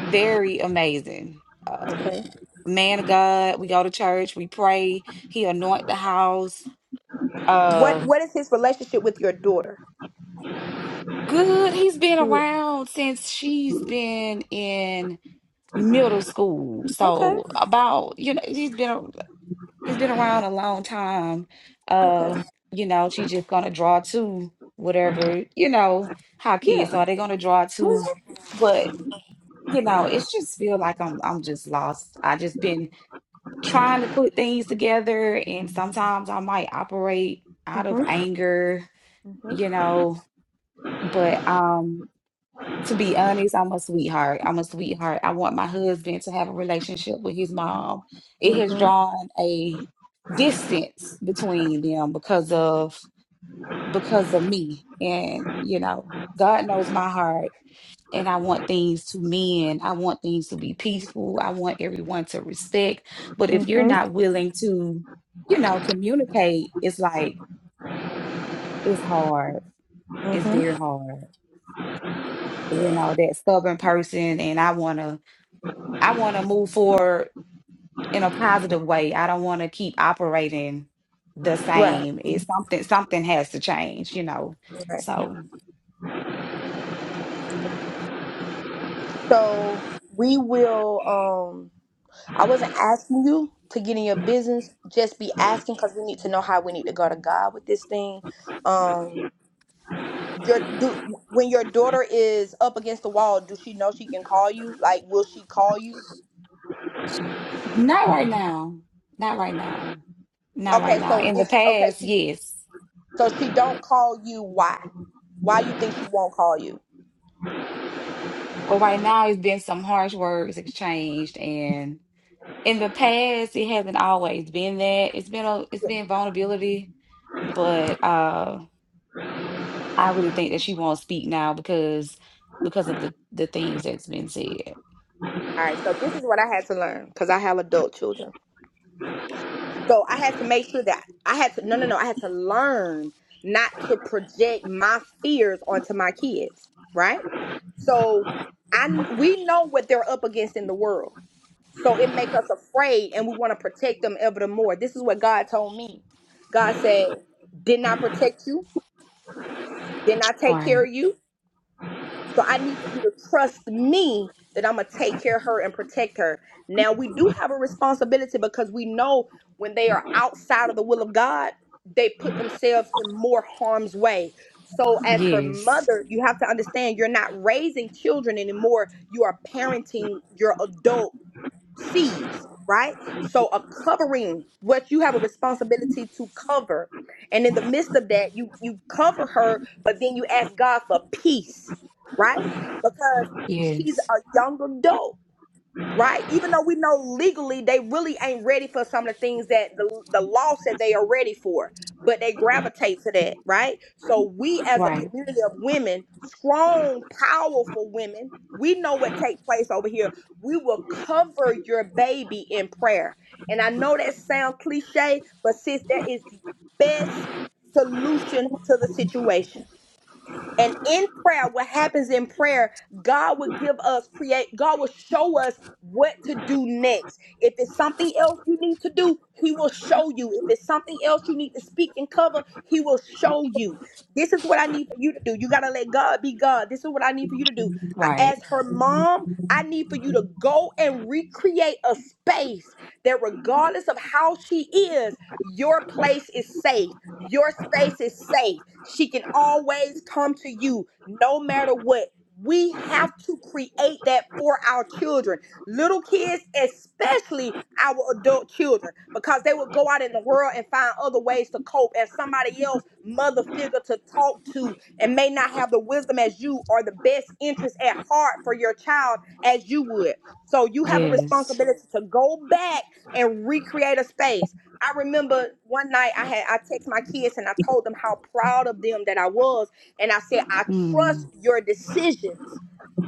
Speaker 9: very amazing. Uh,
Speaker 3: okay
Speaker 9: man of God, we go to church, we pray, he anoint the house.
Speaker 3: what
Speaker 9: Uh,
Speaker 3: what is his relationship with your daughter
Speaker 9: good. He's been
Speaker 3: Good.
Speaker 9: around since she's been in middle school.
Speaker 3: okay
Speaker 9: So about, you know, he's been he's been around a long time.
Speaker 3: okay
Speaker 9: Uh, you know, she's just gonna draw to whatever, you know, how
Speaker 3: yeah
Speaker 9: kids are. They're gonna draw to. But you know, it's just feel like I'm I'm just lost. I just been trying to put things together and sometimes I might operate out of
Speaker 3: mm-hmm
Speaker 9: anger,
Speaker 3: mm-hmm
Speaker 9: you know, but um to be honest, I'm a sweetheart. I'm a sweetheart. I want my husband to have a relationship with his mom. It has
Speaker 3: mm-hmm
Speaker 9: drawn a distance between them because of because of me. And, you know, God knows my heart. And I want things to mend. I want things to be peaceful. I want everyone to respect. But if you're
Speaker 3: mm-hmm
Speaker 9: not willing to, you know, communicate, it's like, it's hard. It's
Speaker 3: mm-hmm
Speaker 9: very hard. You
Speaker 3: yeah
Speaker 9: know, that stubborn person. And I want to, I want to move forward in a positive way. I don't want to keep operating the
Speaker 3: right
Speaker 9: same. It's something, something has to change, you know.
Speaker 3: right
Speaker 9: So.
Speaker 3: So we will. Um, I wasn't asking you to get in your business. Just be asking because we need to know how we need to go to God with this thing. Um, your do when your daughter is up against the wall, do she know she can call you? Like, will she call you?
Speaker 9: Not right now. Not right now. Not right
Speaker 3: Okay,
Speaker 9: now.
Speaker 3: so
Speaker 9: In the
Speaker 3: it's okay.
Speaker 9: past,
Speaker 3: She
Speaker 9: yes.
Speaker 3: so she don't call you. Why? Why you think she won't call you?
Speaker 9: But right now, it's been some harsh words exchanged, and in the past, it hasn't always been that. It's been a, it's
Speaker 3: Yeah.
Speaker 9: been vulnerability, but uh, I really think that she won't speak now because because of the the things that's been said.
Speaker 3: All right. So this is what I had to learn because I have adult children. So I had to make sure that I had to no no no I had to learn not to project my fears onto my kids, right? So I we know what they're up against in the world. So it make us afraid and we want to protect them ever the more. This is what God told me. God said, "Didn't I protect you? Didn't I take care
Speaker 9: Right.
Speaker 3: of you? So I need for you to trust me that I'm gonna take care of her and protect her. Now we do have a responsibility because we know when they are outside of the will of God, they put themselves in more harm's way. So as her
Speaker 9: Yes.
Speaker 3: mother, you have to understand you're not raising children anymore. You are parenting your adult seeds, right? So a covering, what you have a responsibility to cover. And in the midst of that, you you cover her, but then you ask God for peace, right? Because she's
Speaker 9: Yes.
Speaker 3: a young adult right? Even though we know legally they really ain't ready for some of the things that the, the law said they are ready for, but they gravitate to that, right? So we as a
Speaker 9: Right.
Speaker 3: community of women, strong, powerful women, we know what take place over here. We will cover your baby in prayer. And I know that sound cliche, but sis, that is the best solution to the situation and in prayer, what happens in prayer, God will give us create, God will show us what to do next. If it's something else you need to do, He will show you. If it's something else you need to speak and cover, He will show you. This is what I need for you to do. You got to let God be God. This is what I need for you to do. I
Speaker 9: Right.
Speaker 3: asked her mom, I need for you to go and recreate a space that, regardless of how she is, your place is safe your space is safe. She can always come to you no matter what. We have to create that for our children, little kids, especially our adult children, because they will go out in the world and find other ways to cope and somebody else mother figure to talk to and may not have the wisdom as you or the best interest at heart for your child as you would. So you have a
Speaker 9: Yes.
Speaker 3: responsibility to go back and recreate a space I remember one night I had I text my kids and I told them how proud of them that I was, and I said I trust
Speaker 9: Mm.
Speaker 3: your decisions,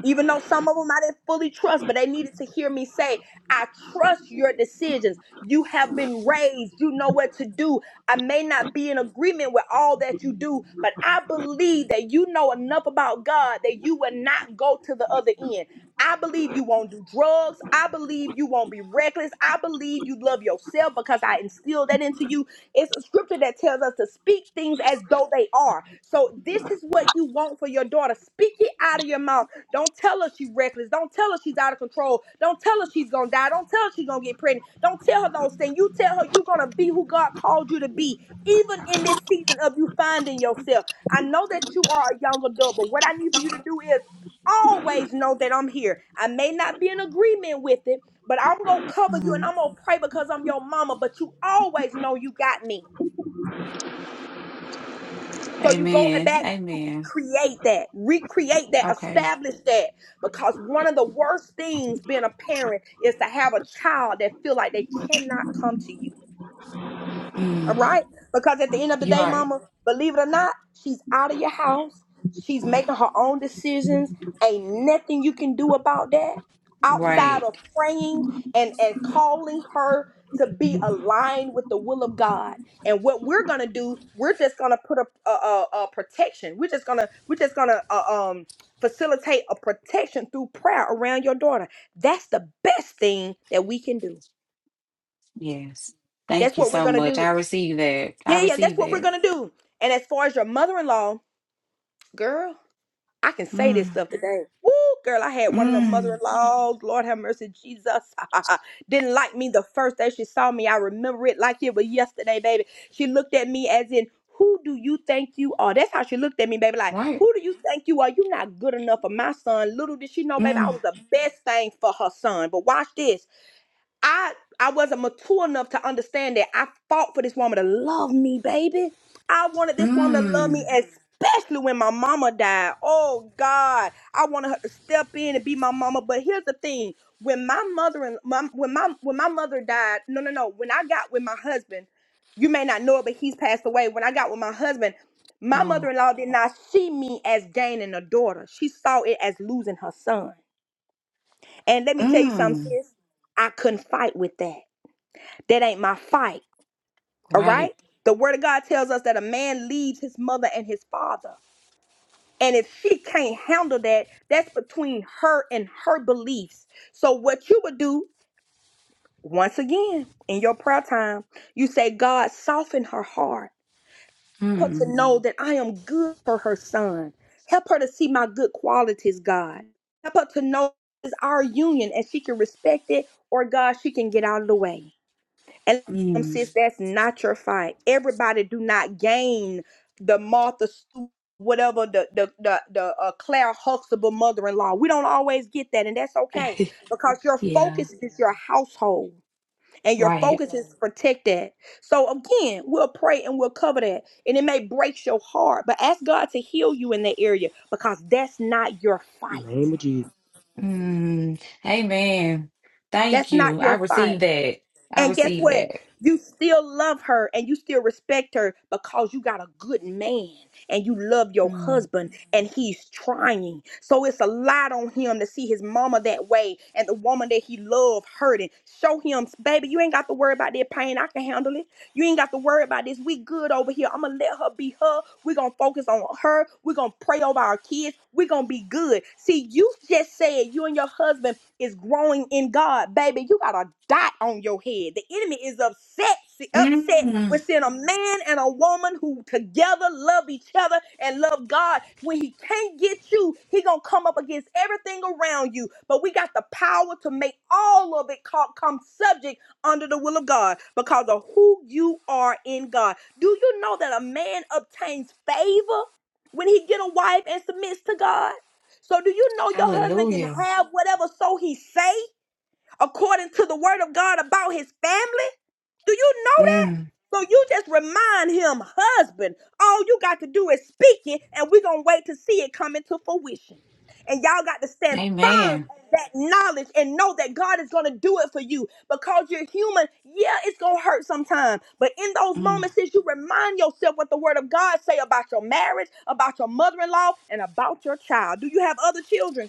Speaker 3: even though some of them I didn't fully trust, but they needed to hear me say I trust your decisions. You have been raised, you know what to do. I may not be in agreement with all that you do, but I believe that you know enough about God that you will not go to the other end. I believe you won't do drugs. I believe you won't be reckless. I believe you love yourself because I instilled that into you. It's a scripture that tells us to speak things as though they are. So this is what you want for your daughter. Speak it out of your mouth. Don't tell her she's reckless. Don't tell her she's out of control. Don't tell her she's gonna die. Don't tell her she's gonna get pregnant. Don't tell her those things. You tell her you're gonna be who God called you to be, even in this season of you finding yourself. I know that you are a young adult, but what I need for you to do is always know that I'm here. I may not be in agreement with it, but I'm going to cover you and
Speaker 9: hmm
Speaker 3: I'm going to pray because I'm your mama, but you always know you got me. So you go
Speaker 9: Amen.
Speaker 3: back and you
Speaker 9: Amen.
Speaker 3: recreate that, recreate that,
Speaker 9: Okay.
Speaker 3: establish that. Because one of the worst things being a parent is to have a child that feel like they cannot come to you. All
Speaker 9: Mm.
Speaker 3: right? Because at the end of the
Speaker 9: You're
Speaker 3: day,
Speaker 9: right.
Speaker 3: mama, believe it or not, she's out of your house. She's making her own decisions. Ain't nothing you can do about that outside
Speaker 9: Right.
Speaker 3: of praying and, and calling her to be aligned with the will of God. And what we're gonna do, we're just gonna put a a, a, a protection. We're just gonna we're just gonna uh, um facilitate a protection through prayer around your daughter. That's the best thing that we can do.
Speaker 9: Yes.
Speaker 3: That's
Speaker 9: Thank you
Speaker 3: what we're
Speaker 9: so
Speaker 3: gonna
Speaker 9: much. I
Speaker 3: do.
Speaker 9: receive that. I
Speaker 3: Yeah, yeah, that's
Speaker 9: receive
Speaker 3: what we're
Speaker 9: that.
Speaker 3: gonna do. And as far as your mother-in-law, girl, I can say this
Speaker 9: Mm.
Speaker 3: stuff today. Woo, girl, I had one of the
Speaker 9: Mm.
Speaker 3: mother-in-laws. Lord have mercy, Jesus. Didn't like me the first day she saw me. I remember it like it was yesterday, baby. She looked at me as in, who do you think you are? That's how she looked at me, baby. Like,
Speaker 9: Right.
Speaker 3: who do you think you are? you not good enough for my son. Little did she know, baby, I
Speaker 9: Mm.
Speaker 3: was the best thing for her son. But watch this. I I wasn't mature enough to understand that I fought for this woman to love me, baby. I wanted this woman to love me,
Speaker 9: Mm.
Speaker 3: especially when my mama died. Oh God, I wanted her to step in and be my mama. But here's the thing: when my mother and my, when my when my mother died, no, no, no. When I got with my husband, you may not know it, but he's passed away. When I got with my husband, my
Speaker 9: Oh.
Speaker 3: mother-in-law did not see me as gaining a daughter. She saw it as losing her son. And let me tell you something,
Speaker 9: Mm.
Speaker 3: sis. I couldn't fight with that. That ain't my fight. All
Speaker 9: Right.
Speaker 3: right? The word of God tells us that a man leaves his mother and his father. And if she can't handle that, that's between her and her beliefs. So what you would do once again in your prayer time, you say, God, soften her heart. Help her to
Speaker 9: Mm.
Speaker 3: know that I am good for her son. Help her to see my good qualities, God. Help her to know it's our union and she can respect it or God, she can get out of the way. And um,
Speaker 9: Mm.
Speaker 3: sis, that's not your fight. Everybody do not gain the Martha Stewart, whatever the the the, the uh, Claire Huxtable mother-in-law. We don't always get that, and that's okay because your
Speaker 9: yeah.
Speaker 3: focus is your household and your
Speaker 9: Right.
Speaker 3: focus is protect that. So again, we'll pray and we'll cover that, and it may break your heart, but ask God to heal you in that area because that's not your
Speaker 10: In
Speaker 3: fight.
Speaker 10: the name of
Speaker 9: Mm. Amen. Thank
Speaker 3: That's
Speaker 9: you.
Speaker 3: not
Speaker 9: I
Speaker 3: your fight.
Speaker 9: receive that. I
Speaker 3: And guess
Speaker 9: receive
Speaker 3: what?
Speaker 9: that.
Speaker 3: You still love her and you still respect her because you got a good man and you love your
Speaker 9: Mm.
Speaker 3: husband and he's trying. So it's a lot on him to see his mama that way and the woman that he loved hurting. Show him, baby, you ain't got to worry about that pain. I can handle it. You ain't got to worry about this. We good over here. I'm gonna let her be her. We're gonna focus on her. We're gonna pray over our kids. We're gonna be good. See, you just said you and your husband is growing in God, baby, you got a dot on your head. The enemy is upset, si, upset
Speaker 9: Mm.
Speaker 3: with seeing a man and a woman who together love each other and love God. When he can't get you, he gonna come up against everything around you. But we got the power to make all of it co- come subject under the will of God because of who you are in God. Do you know that a man obtains favor when he get a wife and submits to God? So do you know your husband can
Speaker 9: Hallelujah.
Speaker 3: have whatever so he say according to the word of God about his family? Do you know
Speaker 9: Mm.
Speaker 3: that? So you just remind him, husband, all you got to do is speak it and we're going to wait to see it come into fruition. And y'all got to stand firm
Speaker 9: Amen.
Speaker 3: on that knowledge and know that God is going to do it for you because you're human. Yeah, it's going to hurt sometimes. But in those
Speaker 9: Mm.
Speaker 3: moments, since you remind yourself what the word of God say about your marriage, about your mother-in-law, and about your child. Do you have other children?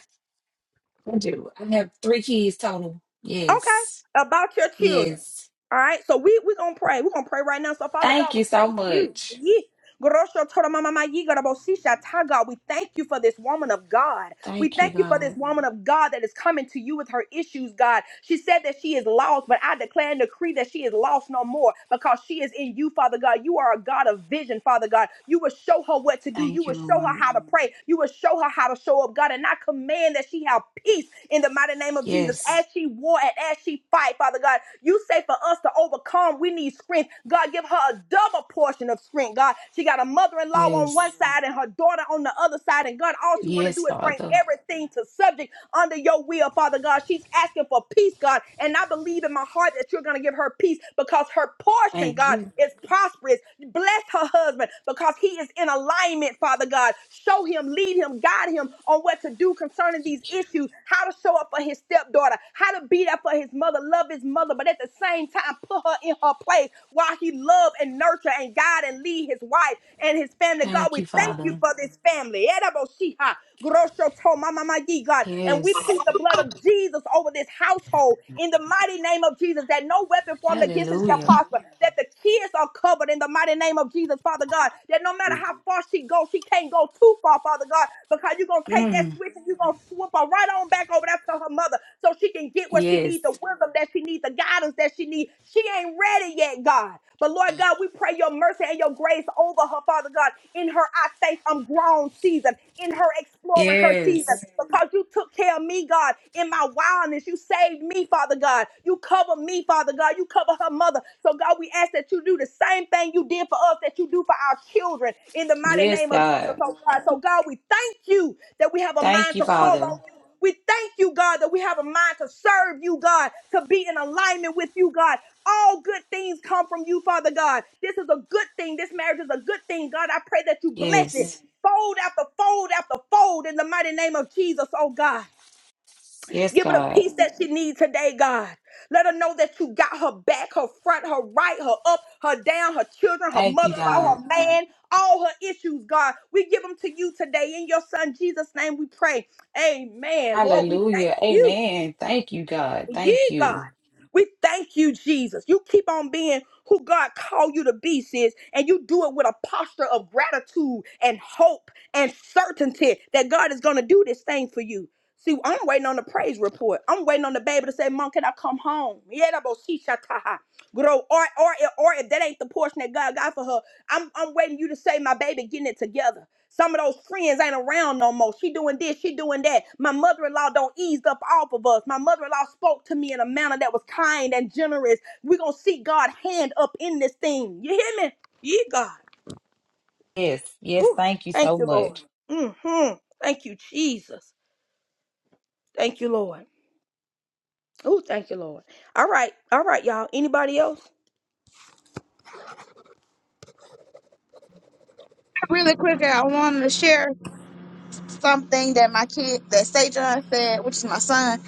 Speaker 9: I do. I have three kids total.
Speaker 3: Okay.
Speaker 9: Yes.
Speaker 3: About your children.
Speaker 9: Yes.
Speaker 3: All right. So we we gonna pray. We're gonna pray right now. So Father
Speaker 9: Thank
Speaker 3: God,
Speaker 9: you
Speaker 3: we
Speaker 9: so
Speaker 3: thank you.
Speaker 9: much.
Speaker 3: Ye- Gorosho toro mama ma ye gorobo sisha ta, God, we thank you for this woman of God. We
Speaker 9: Thank you,
Speaker 3: thank you for this
Speaker 9: God.
Speaker 3: woman of God that is coming to you with her issues, God. She said that she is lost, but I declare and decree that she is lost no more because she is in you, Father God. You are a God of vision, Father God. You will show her what to do. You
Speaker 9: Thank
Speaker 3: will
Speaker 9: you,
Speaker 3: show her
Speaker 9: Lord.
Speaker 3: how to pray. You will show her how to show up, God. And I command that she have peace in the mighty name of Jesus as
Speaker 9: Yes,
Speaker 3: she war and as she fight, Father God. You say for us to overcome, we need strength. God, give her a double portion of strength, God. She got a mother-in-law in-law on one
Speaker 9: yes,
Speaker 3: side and her daughter on the other side. And God, all she want to
Speaker 9: yes,
Speaker 3: do is bring
Speaker 9: Father.
Speaker 3: everything to subject under your will, Father God. She's asking for peace, God. And I believe in my heart that you're going to give her peace because her portion,
Speaker 9: Thank
Speaker 3: God,
Speaker 9: you.
Speaker 3: is prosperous. Bless her husband because he is in alignment, Father God. Show him, lead him, guide him on what to do concerning these
Speaker 9: Thank you.
Speaker 3: issues, how to show up for his stepdaughter, how to be there for his mother, love his mother, but at the same time, put her in her a place while he love and nurture and guide and lead his wife and his family. God,
Speaker 9: Thank
Speaker 3: we
Speaker 9: you,
Speaker 3: thank you
Speaker 9: Father.
Speaker 3: for this family. Eraboshiha, groshoto, mamamayi, God. And we
Speaker 9: Yes.
Speaker 3: plead the blood of Jesus over this household in the mighty name of Jesus that no weapon formed against us shall
Speaker 9: Hallelujah.
Speaker 3: prosper, that the kids are covered in the mighty name of Jesus, Father God, that no matter how far she goes, she can't go too far, Father God, because you're going to take that
Speaker 9: Mm.
Speaker 3: switch and you're going to swoop her right on back over there to her mother so she can can get what she
Speaker 9: Yes,
Speaker 3: needs, the wisdom that she needs, the guidance that she needs. She ain't ready yet, God. But Lord God, we pray your mercy and your grace over her, Father God, in her I think I'm grown season, in her exploring her season,
Speaker 9: yes,
Speaker 3: because you took care of me, God, in my wildness. You saved me, Father God. You cover me, Father God. You cover her mother. So, God, we ask that you do the same thing you did for us, that you do for our children, in the mighty
Speaker 9: yes,
Speaker 3: name of Jesus,
Speaker 9: God.
Speaker 3: oh God. So, God, we thank you that we have a
Speaker 9: Thank
Speaker 3: mind
Speaker 9: you,
Speaker 3: to call
Speaker 9: Father.
Speaker 3: on you we thank you, God, that we have a mind to serve you, God, to be in alignment with you, God. All good things come from you, Father God. This is a good thing. This marriage is a good thing. God, I pray that you bless it.
Speaker 9: Yes,
Speaker 3: Fold after fold after fold in the mighty name of Jesus, oh God.
Speaker 9: yes,
Speaker 3: Give her the
Speaker 9: God.
Speaker 3: peace that she needs today, God. Let her know that you got her back, her front, her right, her up, her down, her children, her
Speaker 9: Thank you,
Speaker 3: mother in law,
Speaker 9: God.
Speaker 3: her man, all her issues, God. We give them to you today. In your son Jesus' name we pray. Amen. Lord, we thank
Speaker 9: Hallelujah.
Speaker 3: you.
Speaker 9: Amen. Thank you, God.
Speaker 3: Yeah,
Speaker 9: Thank
Speaker 3: God.
Speaker 9: you.
Speaker 3: We thank you, Jesus. You keep on being who God called you to be, sis, and you do it with a posture of gratitude and hope and certainty that God is going to do this thing for you. See, I'm waiting on the praise report. I'm waiting on the baby to say, Mom, can I come home? Yeah, that bo- she shall tie her. Grow. Or, or, or if that ain't the portion that God got for her, I'm, I'm waiting you to say, My baby, getting it together. Some of those friends ain't around no more. She doing this, she doing that. My mother-in-law don't ease up off of us. My mother-in-law spoke to me in a manner that was kind and generous. We're gonna see God hand up in this thing. You hear me? Yeah, God.
Speaker 9: Yes, yes,
Speaker 3: Ooh,
Speaker 9: thank you so
Speaker 3: Thank you, Lord.
Speaker 9: much.
Speaker 3: hmm Thank you, Jesus. Thank you, Lord. Oh, thank you, Lord. All right, all right, y'all. Anybody else?
Speaker 1: Really quick, I want to share something that my kid, that Sajon said, which is my son.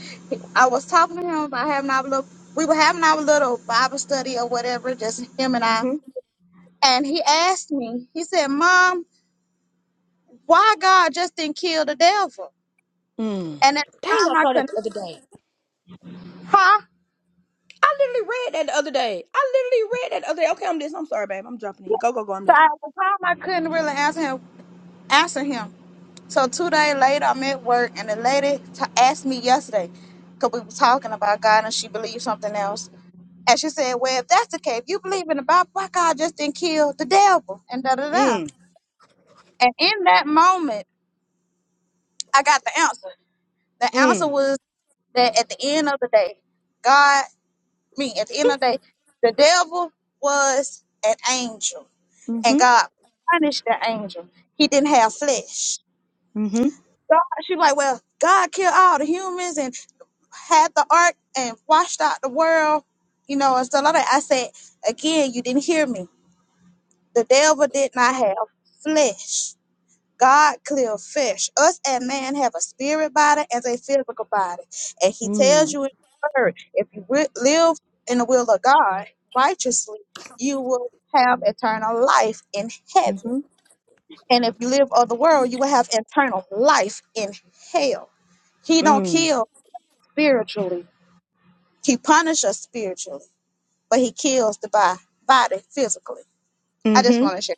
Speaker 1: I was talking to him about having our little, we were having our little Bible study or whatever, just him and I.
Speaker 3: hmm
Speaker 1: And he asked me, he said, Mom, why God just didn't kill the devil?
Speaker 3: Mm.
Speaker 1: And at
Speaker 3: Dang,
Speaker 1: the
Speaker 3: I
Speaker 1: time I
Speaker 3: saw that the
Speaker 1: couldn't,
Speaker 3: other day.
Speaker 1: huh?
Speaker 3: I literally read that the other day. I literally read that the other day. Okay, I'm listening. I'm sorry, babe. I'm jumping in. Go, go, go. I'm
Speaker 1: So
Speaker 3: listening.
Speaker 1: at the time I couldn't really answer him. Answer him. So two days later, I'm at work, and the lady t- asked me yesterday, because we were talking about God, and she believed something else. And she said, well, if that's the case, if you believe in the Bible, why God just didn't kill the devil? And da-da-da.
Speaker 3: Mm.
Speaker 1: And in that moment, I got the answer. The
Speaker 3: Mm.
Speaker 1: answer was that at the end of the day, God, I mean, at the end of the day, the devil was an angel, and
Speaker 3: Mm-hmm.
Speaker 1: God punished the angel. He didn't have flesh.
Speaker 3: Mm-hmm.
Speaker 1: God, she's like, well, God killed all the humans, and had the ark and washed out the world, you know, and stuff like that. I said, again, you didn't hear me. The devil did not have flesh. God clear flesh. Us and man have a spirit body and a physical body. And he tells
Speaker 3: Mm.
Speaker 1: you in his word, if you wi- live in the will of God righteously, you will have eternal life in heaven.
Speaker 3: Mm-hmm.
Speaker 1: And if you live of the world, you will have eternal life in hell. He don't
Speaker 3: Mm.
Speaker 1: kill spiritually. He punishes spiritually. but he kills the bi- body physically. I just
Speaker 3: Mm-hmm.
Speaker 1: want to share.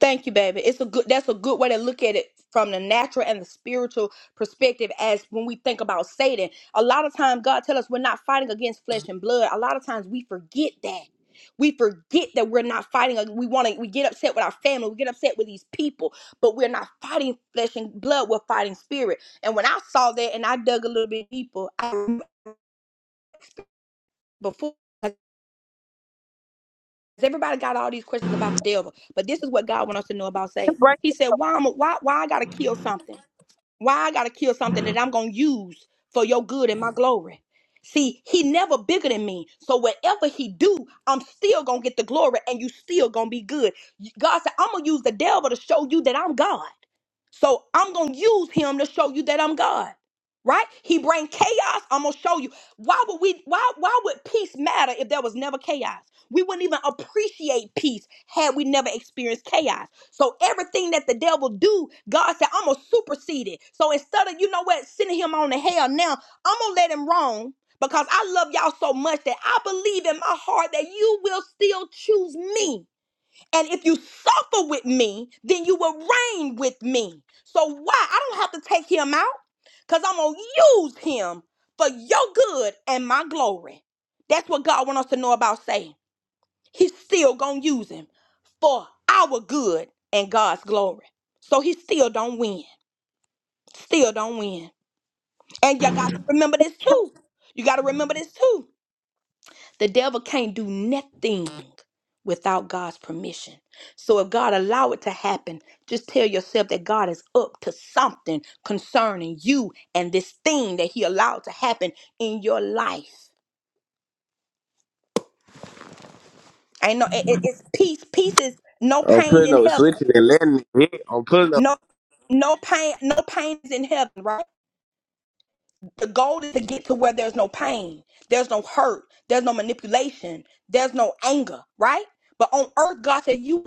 Speaker 3: Thank you, baby. It's a good that's a good way to look at it from the natural and the spiritual perspective as when we think about Satan. A lot of times God tells us we're not fighting against flesh and blood. A lot of times we forget that. We forget that we're not fighting. We want to. We get upset with our family. We get upset with these people, but we're not fighting flesh and blood. We're fighting spirit. And when I saw that, and I dug a little bit deeper, I remember before. 'Cause everybody got all these questions about the devil, but this is what God wants us to know about Satan.
Speaker 1: Right.
Speaker 3: He said, "Why, am I, why, why I gotta kill something? Why I gotta kill something that I'm gonna use for your good and my glory?" See, he never bigger than me. So whatever he do, I'm still gonna get the glory, and you still gonna be good. God said, "I'm gonna use the devil to show you that I'm God." So I'm gonna use him to show you that I'm God. Right? He bring chaos. I'm gonna show you. Why would we why why would peace matter if there was never chaos? We wouldn't even appreciate peace had we never experienced chaos. So everything that the devil do, God said, I'm gonna supersede it. So instead of, you know what, sending him on to hell now, I'm gonna let him roam because I love y'all so much that I believe in my heart that you will still choose me. And if you suffer with me, then you will reign with me. So why? I don't have to take him out because I'm going to use him for your good and my glory. That's what God wants us to know about Satan. He's still going to use him for our good and God's glory. So he still don't win. Still don't win. And you got to remember this too. You got to remember this too. The devil can't do nothing without God's permission. So if God allow it to happen, just tell yourself that God is up to something concerning you and this thing that he allowed to happen in your life. I know it, it- it's peace. Peace is no
Speaker 11: I'm
Speaker 3: pain
Speaker 11: putting
Speaker 3: in
Speaker 11: those
Speaker 3: heaven.
Speaker 11: switches and letting it I'm pulling up.
Speaker 3: No no pain no pain is in heaven, right? The goal is to get to where there's no pain, there's no hurt, there's no manipulation, there's no anger, right? But on earth God said you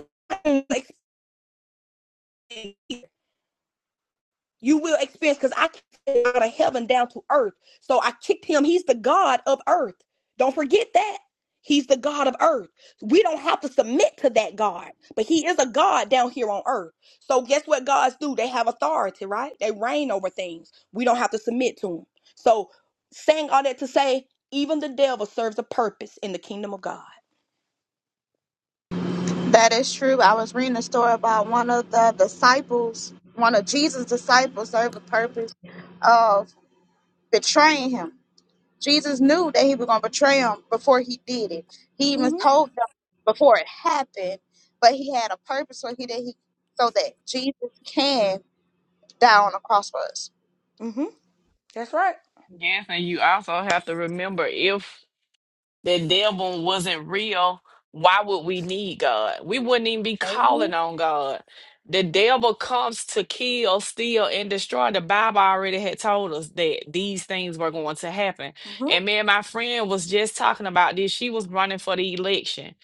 Speaker 3: You will experience because I came out of heaven down to earth. So I kicked him. He's the God of earth. Don't forget that. He's the God of earth. We don't have to submit to that God, but he is a God down here on earth. So guess what gods do? They have authority, right? They reign over things. We don't have to submit to them. So saying all that to say, even the devil serves a purpose in the kingdom of God.
Speaker 1: That is true. I was reading a story about one of the disciples, one of Jesus' disciples, served a purpose of betraying him. Jesus knew that he was going to betray him before he did it. He even
Speaker 3: Mm-hmm.
Speaker 1: told them before it happened, but he had a purpose so he that he so that Jesus can die on the cross for us.
Speaker 3: Mm-hmm. That's right.
Speaker 12: Yes, and you also have to remember if the devil wasn't real, why would we need God? We wouldn't even be
Speaker 3: Amen.
Speaker 12: calling on God. The devil comes to kill, steal, and destroy. The Bible already had told us that these things were going to happen.
Speaker 3: Mm-hmm.
Speaker 12: And me and my friend was just talking about this. She was running for the election.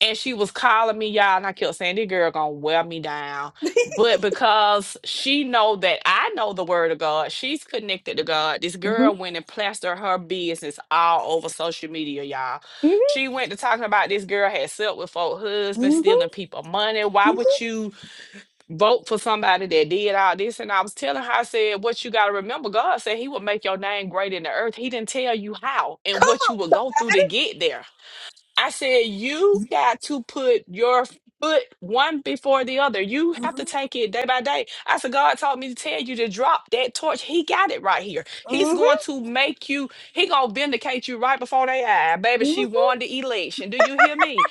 Speaker 12: And she was calling me, y'all, and I kept saying, This girl gonna wear me down. But because she know that I know the word of God, she's connected to God. This
Speaker 3: Mm-hmm.
Speaker 12: girl went and plastered her business all over social media, y'all.
Speaker 3: Mm-hmm.
Speaker 12: She went to talking about this girl had slept with folk husbands, stealing
Speaker 3: Mm-hmm.
Speaker 12: people money. Why would you vote for somebody that did all this? And I was telling her, I said, what you got to remember, God said he would make your name great in the earth. He didn't tell you how and
Speaker 3: Come
Speaker 12: what you would
Speaker 3: on,
Speaker 12: go through to get there. I said, you got to put your foot one before the other. You
Speaker 3: somebody.
Speaker 12: have to take it day by day. I said, God told me to tell you to drop that torch. He got it right here. He's
Speaker 3: Mm-hmm.
Speaker 12: going to make you, he gonna vindicate you right before they eye. Baby,
Speaker 3: mm-hmm.
Speaker 12: she won the election. Do you hear me?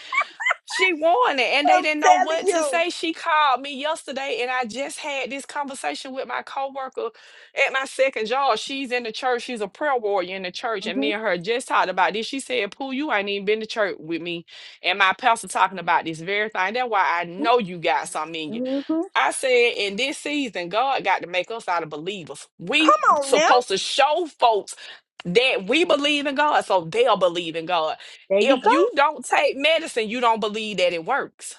Speaker 12: She won it and they
Speaker 3: I'm
Speaker 12: didn't know what
Speaker 3: telling
Speaker 12: to
Speaker 3: you.
Speaker 12: say. She called me yesterday and I just had this conversation with my coworker at my second job. She's in the church. She's a prayer warrior in the church. And
Speaker 3: hmm
Speaker 12: me and her just talked about this. She said, Pooh, you ain't even been to church with me. And my pastor talking about this very thing. That's why I know you got something in you.
Speaker 3: hmm Come
Speaker 12: I said in this season, God got to make us out of believers. We
Speaker 3: on now.
Speaker 12: supposed to show folks that we believe in God, so they'll believe in God.
Speaker 3: There you
Speaker 12: If
Speaker 3: go.
Speaker 12: you don't take medicine, you don't believe that it works.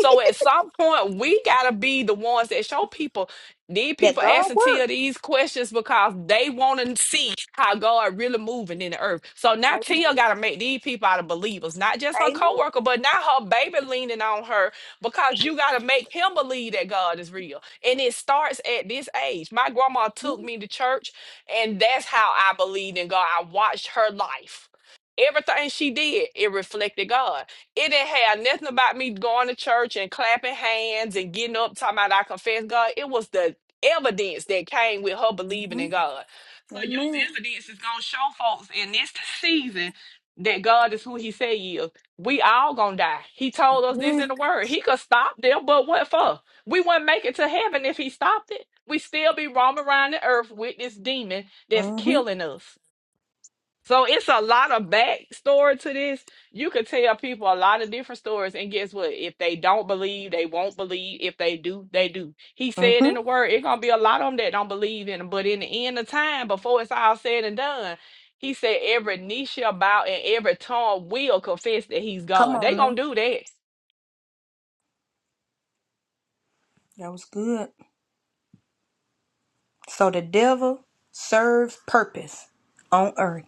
Speaker 12: So at some point, we gotta be the ones that show people. These
Speaker 3: That
Speaker 12: people
Speaker 3: God
Speaker 12: asking Tia
Speaker 3: work.
Speaker 12: these questions because they want to see how God really moving in the earth. So now
Speaker 3: Amen.
Speaker 12: Tia gotta make these people out of believers, not just her
Speaker 3: Amen.
Speaker 12: coworker, but now her baby leaning on her because you got to make him believe that God is real. And it starts at this age. My grandma took me to church, and that's how I believed in God. I watched her life. Everything she did, it reflected God. It didn't have nothing about me going to church and clapping hands and getting up talking about I confess God. It was the evidence that came with her believing
Speaker 3: hmm
Speaker 12: in God. So your
Speaker 3: Amen.
Speaker 12: evidence is gonna show folks in this season that God is who He say He is we all gonna die. He told us this in
Speaker 3: Amen.
Speaker 12: the word. He could stop them, but what for? We wouldn't make it to heaven if he stopped it. We still be roaming around the earth with this demon that's
Speaker 3: hmm
Speaker 12: killing us. So it's a lot of backstory to this. You could tell people a lot of different stories, and guess what? If they don't believe, they won't believe. If they do, they do. He said
Speaker 3: hmm
Speaker 12: in the word, it's gonna be a lot of them that don't believe in him. But in the end of time, before it's all said and done, he said every knee shall bow and every tongue will confess that he's
Speaker 3: Come
Speaker 12: God. They
Speaker 3: on
Speaker 12: gonna
Speaker 3: now.
Speaker 12: do that.
Speaker 3: That was good. So the devil serves purpose on earth.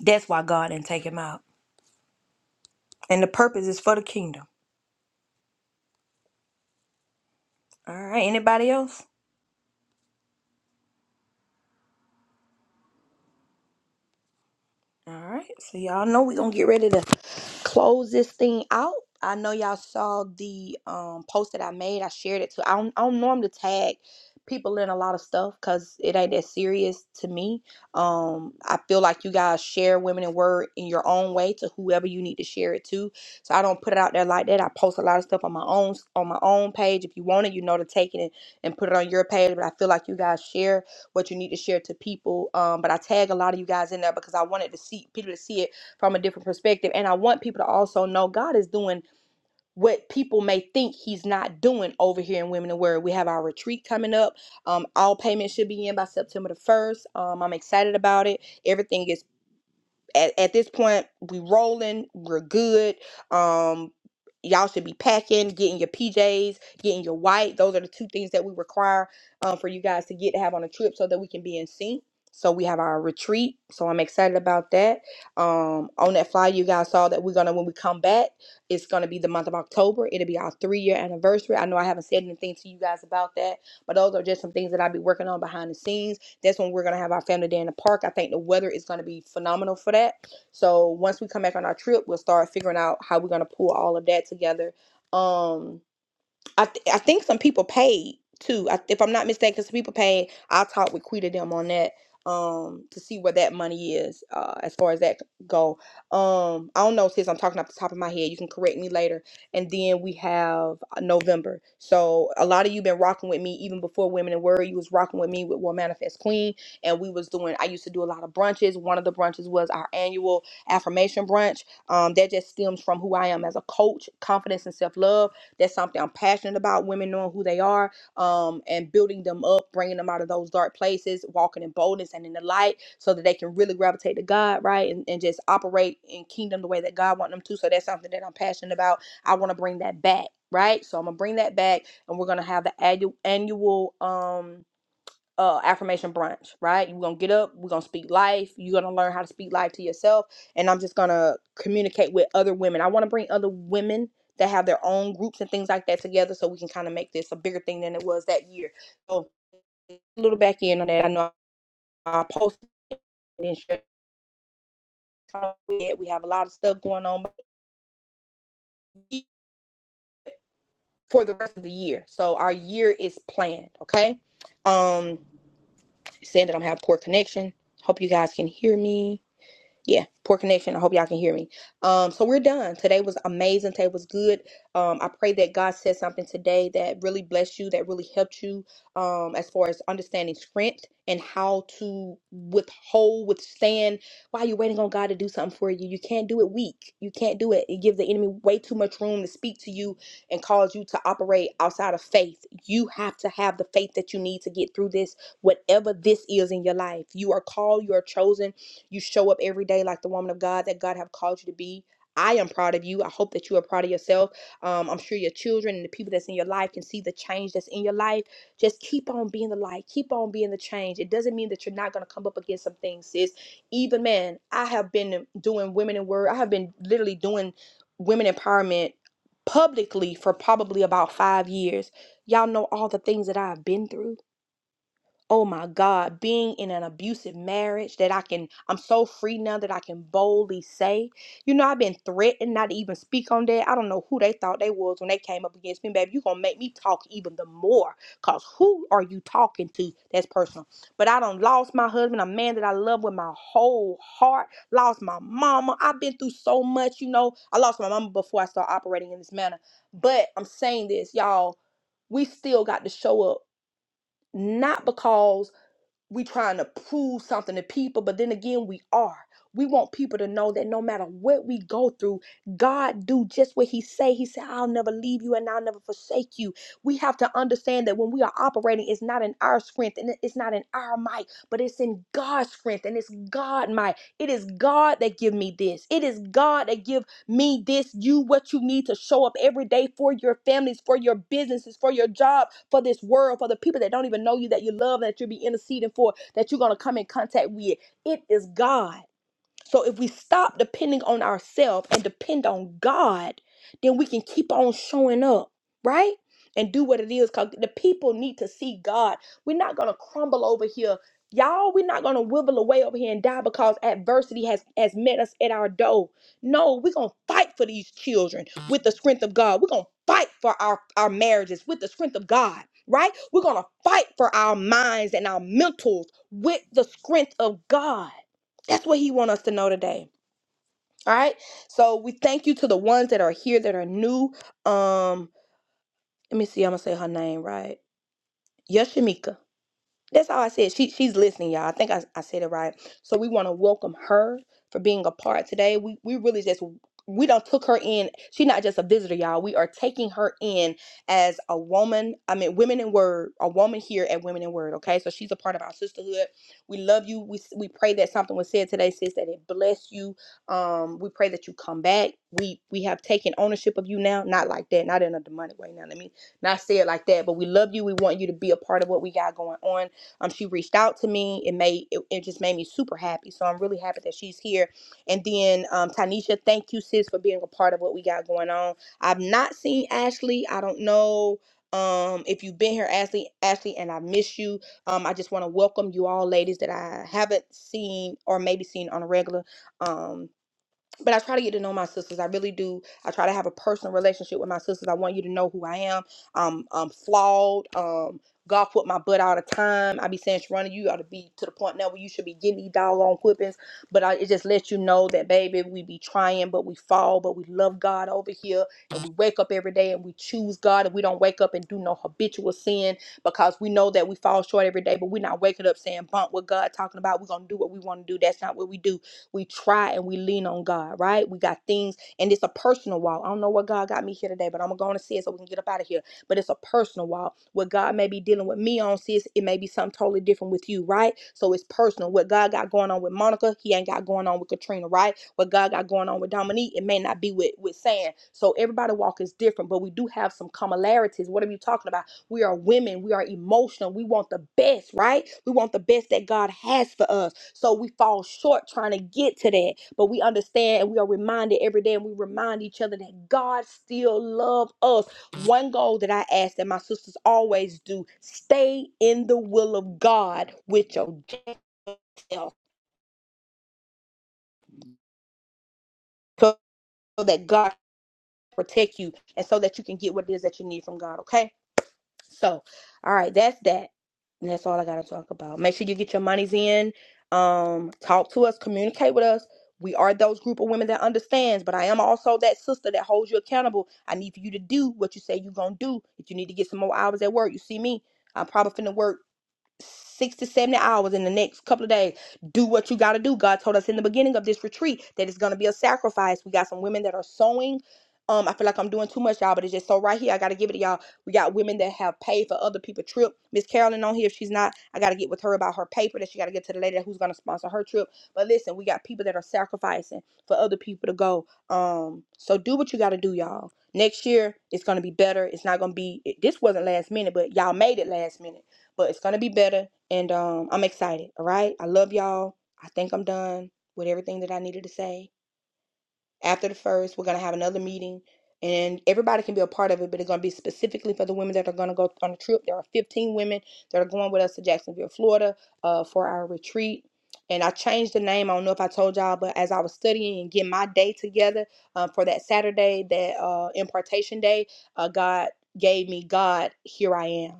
Speaker 3: That's why God didn't take him out. And the purpose is for the kingdom. All right. Anybody else? All right. So y'all know we're gonna get ready to close this thing out. I know y'all saw the um, post that I made. I shared it to. I don't, I don't normally tag people in a lot of stuff because it ain't that serious to me. Um, I feel like you guys share Women in Word in your own way to whoever you need to share it to. So I don't put it out there like that. I post a lot of stuff on my own on my own page. If you want it, you know to take it and, and put it on your page. But I feel like you guys share what you need to share to people. Um, but I tag a lot of you guys in there because I wanted to see people to see it from a different perspective. And I want people to also know God is doing what people may think he's not doing over here in Women in Word. We have our retreat coming up. Um, all payments should be in by September the 1st. Um, I'm excited about it. Everything is at, at this point we rolling we're good um y'all should be packing getting your pjs getting your white those are the two things that we require um, for you guys to get to have on a trip so that we can be in sync so we have our retreat so i'm excited about that um, on that flyer you guys saw that we're gonna when we come back it's gonna be the month of october it'll be our three year anniversary i know i haven't said anything to you guys about that but those are just some things that i'll be working on behind the scenes that's when we're gonna have our family day in the park. I think the weather is gonna be phenomenal for that. So once we come back on our trip, we'll start figuring out how we're gonna pull all of that together. Um I th- I think some people paid too. I, if I'm not mistaken, some people paid. I'll talk with Quita them on that um to see where that money is uh as far as that go. Um I don't know sis, I'm talking off the top of my head. You can correct me later. And then we have uh, November. So a lot of you been rocking with me even before Women in Word. You was rocking with me with Well Manifest Queen and we was doing I used to do a lot of brunches. One of the brunches was our annual affirmation brunch. Um that just stems from who I am as a coach, confidence and self-love that's something I'm passionate about. Women knowing who they are, um, and building them up, bringing them out of those dark places, walking in boldness and in the light, so that they can really gravitate to God, right, and, and just operate in kingdom the way that God wants them to. So that's something that I'm passionate about. I want to bring that back, right? So I'm gonna bring that back, and we're gonna have the annual annual um uh affirmation brunch, right? You're gonna get up, we're gonna speak life, you're gonna learn how to speak life to yourself, and I'm just gonna communicate with other women. I wanna bring other women that have their own groups and things like that together so we can kind of make this a bigger thing than it was that year. So a little back in on that. I know I posted and shared it. we have a lot of stuff going on for the rest of the year. So our year is planned, okay? Um saying that I'm have poor connection. Hope you guys can hear me. Yeah, poor connection. I hope y'all can hear me. Um, so we're done. Today was amazing. Today was good. Um, I pray that God said something today that really blessed you, that really helped you um, as far as understanding strength and how to withhold, withstand. While you're waiting on God to do something for you, you can't do it weak. You can't do it. It gives the enemy way too much room to speak to you and cause you to operate outside of faith. You have to have the faith that you need to get through this, whatever this is in your life. You are called. You are chosen you show up every day like the woman of God that God have called you to be. I am proud of you. I hope that you are proud of yourself. Um, I'm sure your children and the people that's in your life can see the change that's in your life. Just keep on being the light. Keep on being the change. It doesn't mean that you're not gonna come up against some things, sis. Even man, I have been doing women in word. I have been literally doing women empowerment publicly for probably about five years. Y'all know all the things that I've been through oh my God, being in an abusive marriage that I can, I'm so free now that I can boldly say, you know, I've been threatened not to even speak on that. I don't know who they thought they was when they came up against me. Baby, you going to make me talk even the more because who are you talking to? That's personal. But I don't lost my husband, a man that I love with my whole heart, lost my mama. I've been through so much, you know. I lost my mama before I started operating in this manner. But I'm saying this, y'all, we still got to show up. Not because we trying to prove something to people but then again we are we want people to know that no matter what we go through god do just what he say he said i'll never leave you and i'll never forsake you we have to understand that when we are operating it's not in our strength and it's not in our might but it's in god's strength and it's god might it is god that give me this it is god that give me this, you what you need to show up every day for your families, for your businesses, for your job, for this world, for the people that don't even know you that you love, that you'll be interceding for, that you're gonna come in contact with. It is God. So if we stop depending on ourselves and depend on God, then we can keep on showing up, right? And do what it is because the people need to see God. We're not gonna crumble over here. Y'all, we're not gonna wibble away over here and die because adversity has has met us at our door. No, we're gonna fight for these children with the strength of God. We're gonna fight for our, our marriages with the strength of God, right? We're gonna fight for our minds and our mentals with the strength of God. That's what he wants us to know today. All right. So we thank you to the ones that are here that are new. Um, let me see. I'm gonna say her name right. Yashamika. That's all I said. She she's listening, y'all. I think I, I said it right. So we want to welcome her for being a part today. We we really just we don't took her in. She's not just a visitor, y'all. We are taking her in as a woman. I mean, women in word, a woman here at Women in Word. Okay, so she's a part of our sisterhood. We love you. We we pray that something was said today, sis, that it bless you. Um, we pray that you come back. We we have taken ownership of you now. Not like that. Not in a demonic way. Now let me not say it like that. But we love you. We want you to be a part of what we got going on um, she reached out to me. It made it, it just made me super happy. So I'm really happy that she's here. And then um, Tanisha, thank you, sis, for being a part of what we got going on. I've not seen Ashley. I don't know. Um, if you've been here, Ashley, Ashley, and I miss you. Um, I just want to welcome you all, ladies, that I haven't seen or maybe seen on a regular. Um, but I try to get to know my sisters. I really do. I try to have a personal relationship with my sisters. I want you to know who I am. Um, I'm flawed. Um, God put my butt out of time. I be saying, Sharona, you ought to be to the point now where you should be getting these doggone whippings. But I, it just lets you know that, baby, we be trying, but we fall, but we love God over here. And we wake up every day and we choose God. And we don't wake up and do no habitual sin because we know that we fall short every day, but we're not waking up saying, bump with God, talking about we're going to do what we want to do. That's not what we do we try and we lean on God, right? We got things, and it's a personal walk. I don't know what God got me here today, but I'm going to see it so we can get up out of here. But it's a personal walk. What God may be dealing with me on, sis, it may be something totally different with you, right? So it's personal. What God got going on with Monica, he ain't got going on with Katrina, right? what God got going on with Dominique, it may not be with with Sam. So everybody walk is different, but we do have some similarities. What are we talking about? We are women. We are emotional. We want the best, right? We want the best that God has for us. So we fall short trying to get to that, but we understand and we are reminded every day and we remind each other that God still loves us. One goal that I ask that my sisters always do stay in the will of God with your jail so so that God protect you and so that you can get what it is that you need from God, okay? So, all right, that's that. And that's all I gotta talk about. Make sure you get your monies in. Um, talk to us, communicate with us. We are those group of women that understands, but I am also that sister that holds you accountable. I need for you to do what you say you're gonna do. If you need to get some more hours at work, you see me. I'm probably finna work six to 70 hours in the next couple of days. Do what you got to do. God told us in the beginning of this retreat that it's going to be a sacrifice. We got some women that are sewing. Um, I feel like I'm doing too much, y'all, but it's just so right here. I got to give it to y'all. We got women that have paid for other people's trip. Miss Carolyn on here, if she's not, I got to get with her about her paper that she got to get to the lady who's going to sponsor her trip. But listen, we got people that are sacrificing for other people to go. Um, so do what you got to do, y'all. Next year, it's going to be better. It's not going to be, it, this wasn't last minute, but y'all made it last minute but it's gonna be better. And um, I'm excited. All right, I love y'all. I think I'm done with everything that I needed to say. After the first, we're gonna have another meeting, and everybody can be a part of it. But it's gonna be specifically for the women that are gonna go on a trip. There are 15 women that are going with us to Jacksonville, Florida, uh, for our retreat. And I changed the name. I don't know if I told y'all, but as I was studying and getting my day together uh, for that Saturday, that uh, impartation day, uh, God gave me God, here I am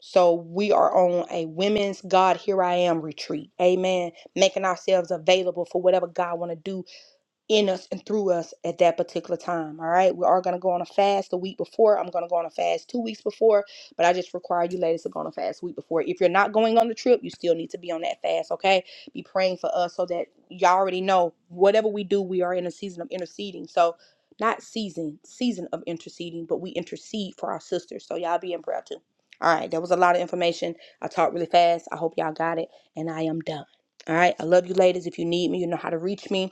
Speaker 3: so we are on a women's God here I am retreat. Amen. Making ourselves available for whatever God want to do in us and through us at that particular time. All right. We are going to go on a fast the week before. I'm going to go on a fast two weeks before, but I just require you ladies to go on a fast week before. If you're not going on the trip, you still need to be on that fast. Okay. Be praying for us so that y'all already know whatever we do, we are in a season of interceding. So, not season, season of interceding, but we intercede for our sisters. So, y'all be in prayer too. All right. That was a lot of information. I talked really fast. I hope y'all got it. And I am done. All right. I love you ladies. If you need me, you know how to reach me.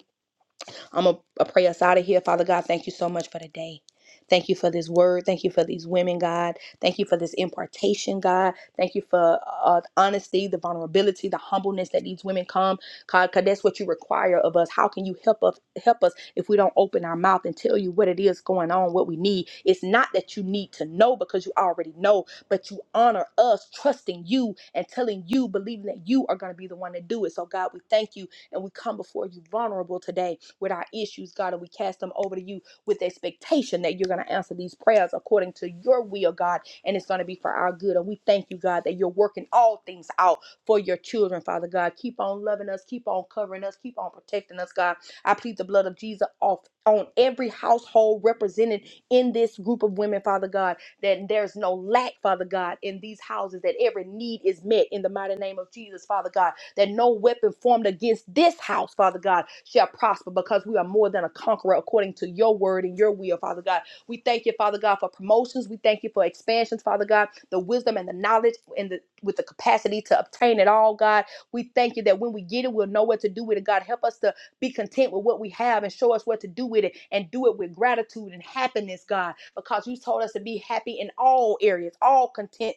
Speaker 3: I'm going to pray us out of here. Father God, thank you so much for today. Thank you for this word. Thank you for these women, God. Thank you for this impartation, God. Thank you for uh, honesty, the vulnerability, the humbleness that these women come, God, because that's what you require of us. How can you help us, help us if we don't open our mouth and tell you what it is going on, what we need? It's not that you need to know because you already know, but you honor us trusting you and telling you, believing that you are going to be the one to do it. So, God, we thank you and we come before you vulnerable today with our issues, God, and we cast them over to you with expectation that you're going to answer these prayers according to your will, God, and it's going to be for our good. And we thank you, God, that you're working all things out for your children, Father God. Keep on loving us, keep on covering us, keep on protecting us, God. I plead the blood of Jesus off on every household represented in this group of women, Father God, that there's no lack, Father God, in these houses, that every need is met in the mighty name of Jesus, Father God that no weapon formed against this house, Father God, shall prosper because we are more than a conqueror according to your word and your will, Father God. We thank you, Father God, for promotions. We thank you for expansions, Father God, the wisdom and the knowledge and the with the capacity to obtain it all, God. We thank you that when we get it, we'll know what to do with it. God, help us to be content with what we have and show us what to do with it and do it with gratitude and happiness, God, because you told us to be happy in all areas, all content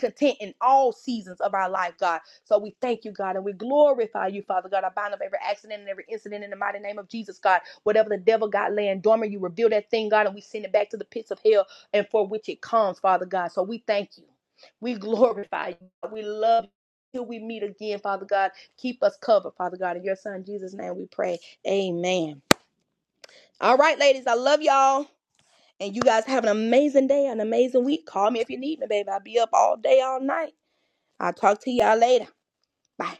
Speaker 3: content in all seasons of our life, God. So we thank you, God, and we glorify you, Father God. I bind up every accident and every incident in the mighty name of Jesus, God. Whatever the devil got laying dormant, you reveal that thing, God, and we send it back to the pits of hell and for which it comes, Father God. So we thank you. We glorify you. We love you. Till we meet again, Father God, keep us covered, Father God. In your Son Jesus' name we pray. Amen. All right, ladies, I love y'all. And you guys have an amazing day, an amazing week. Call me if you need me, baby. I'll be up all day, all night. I'll talk to y'all later. Bye.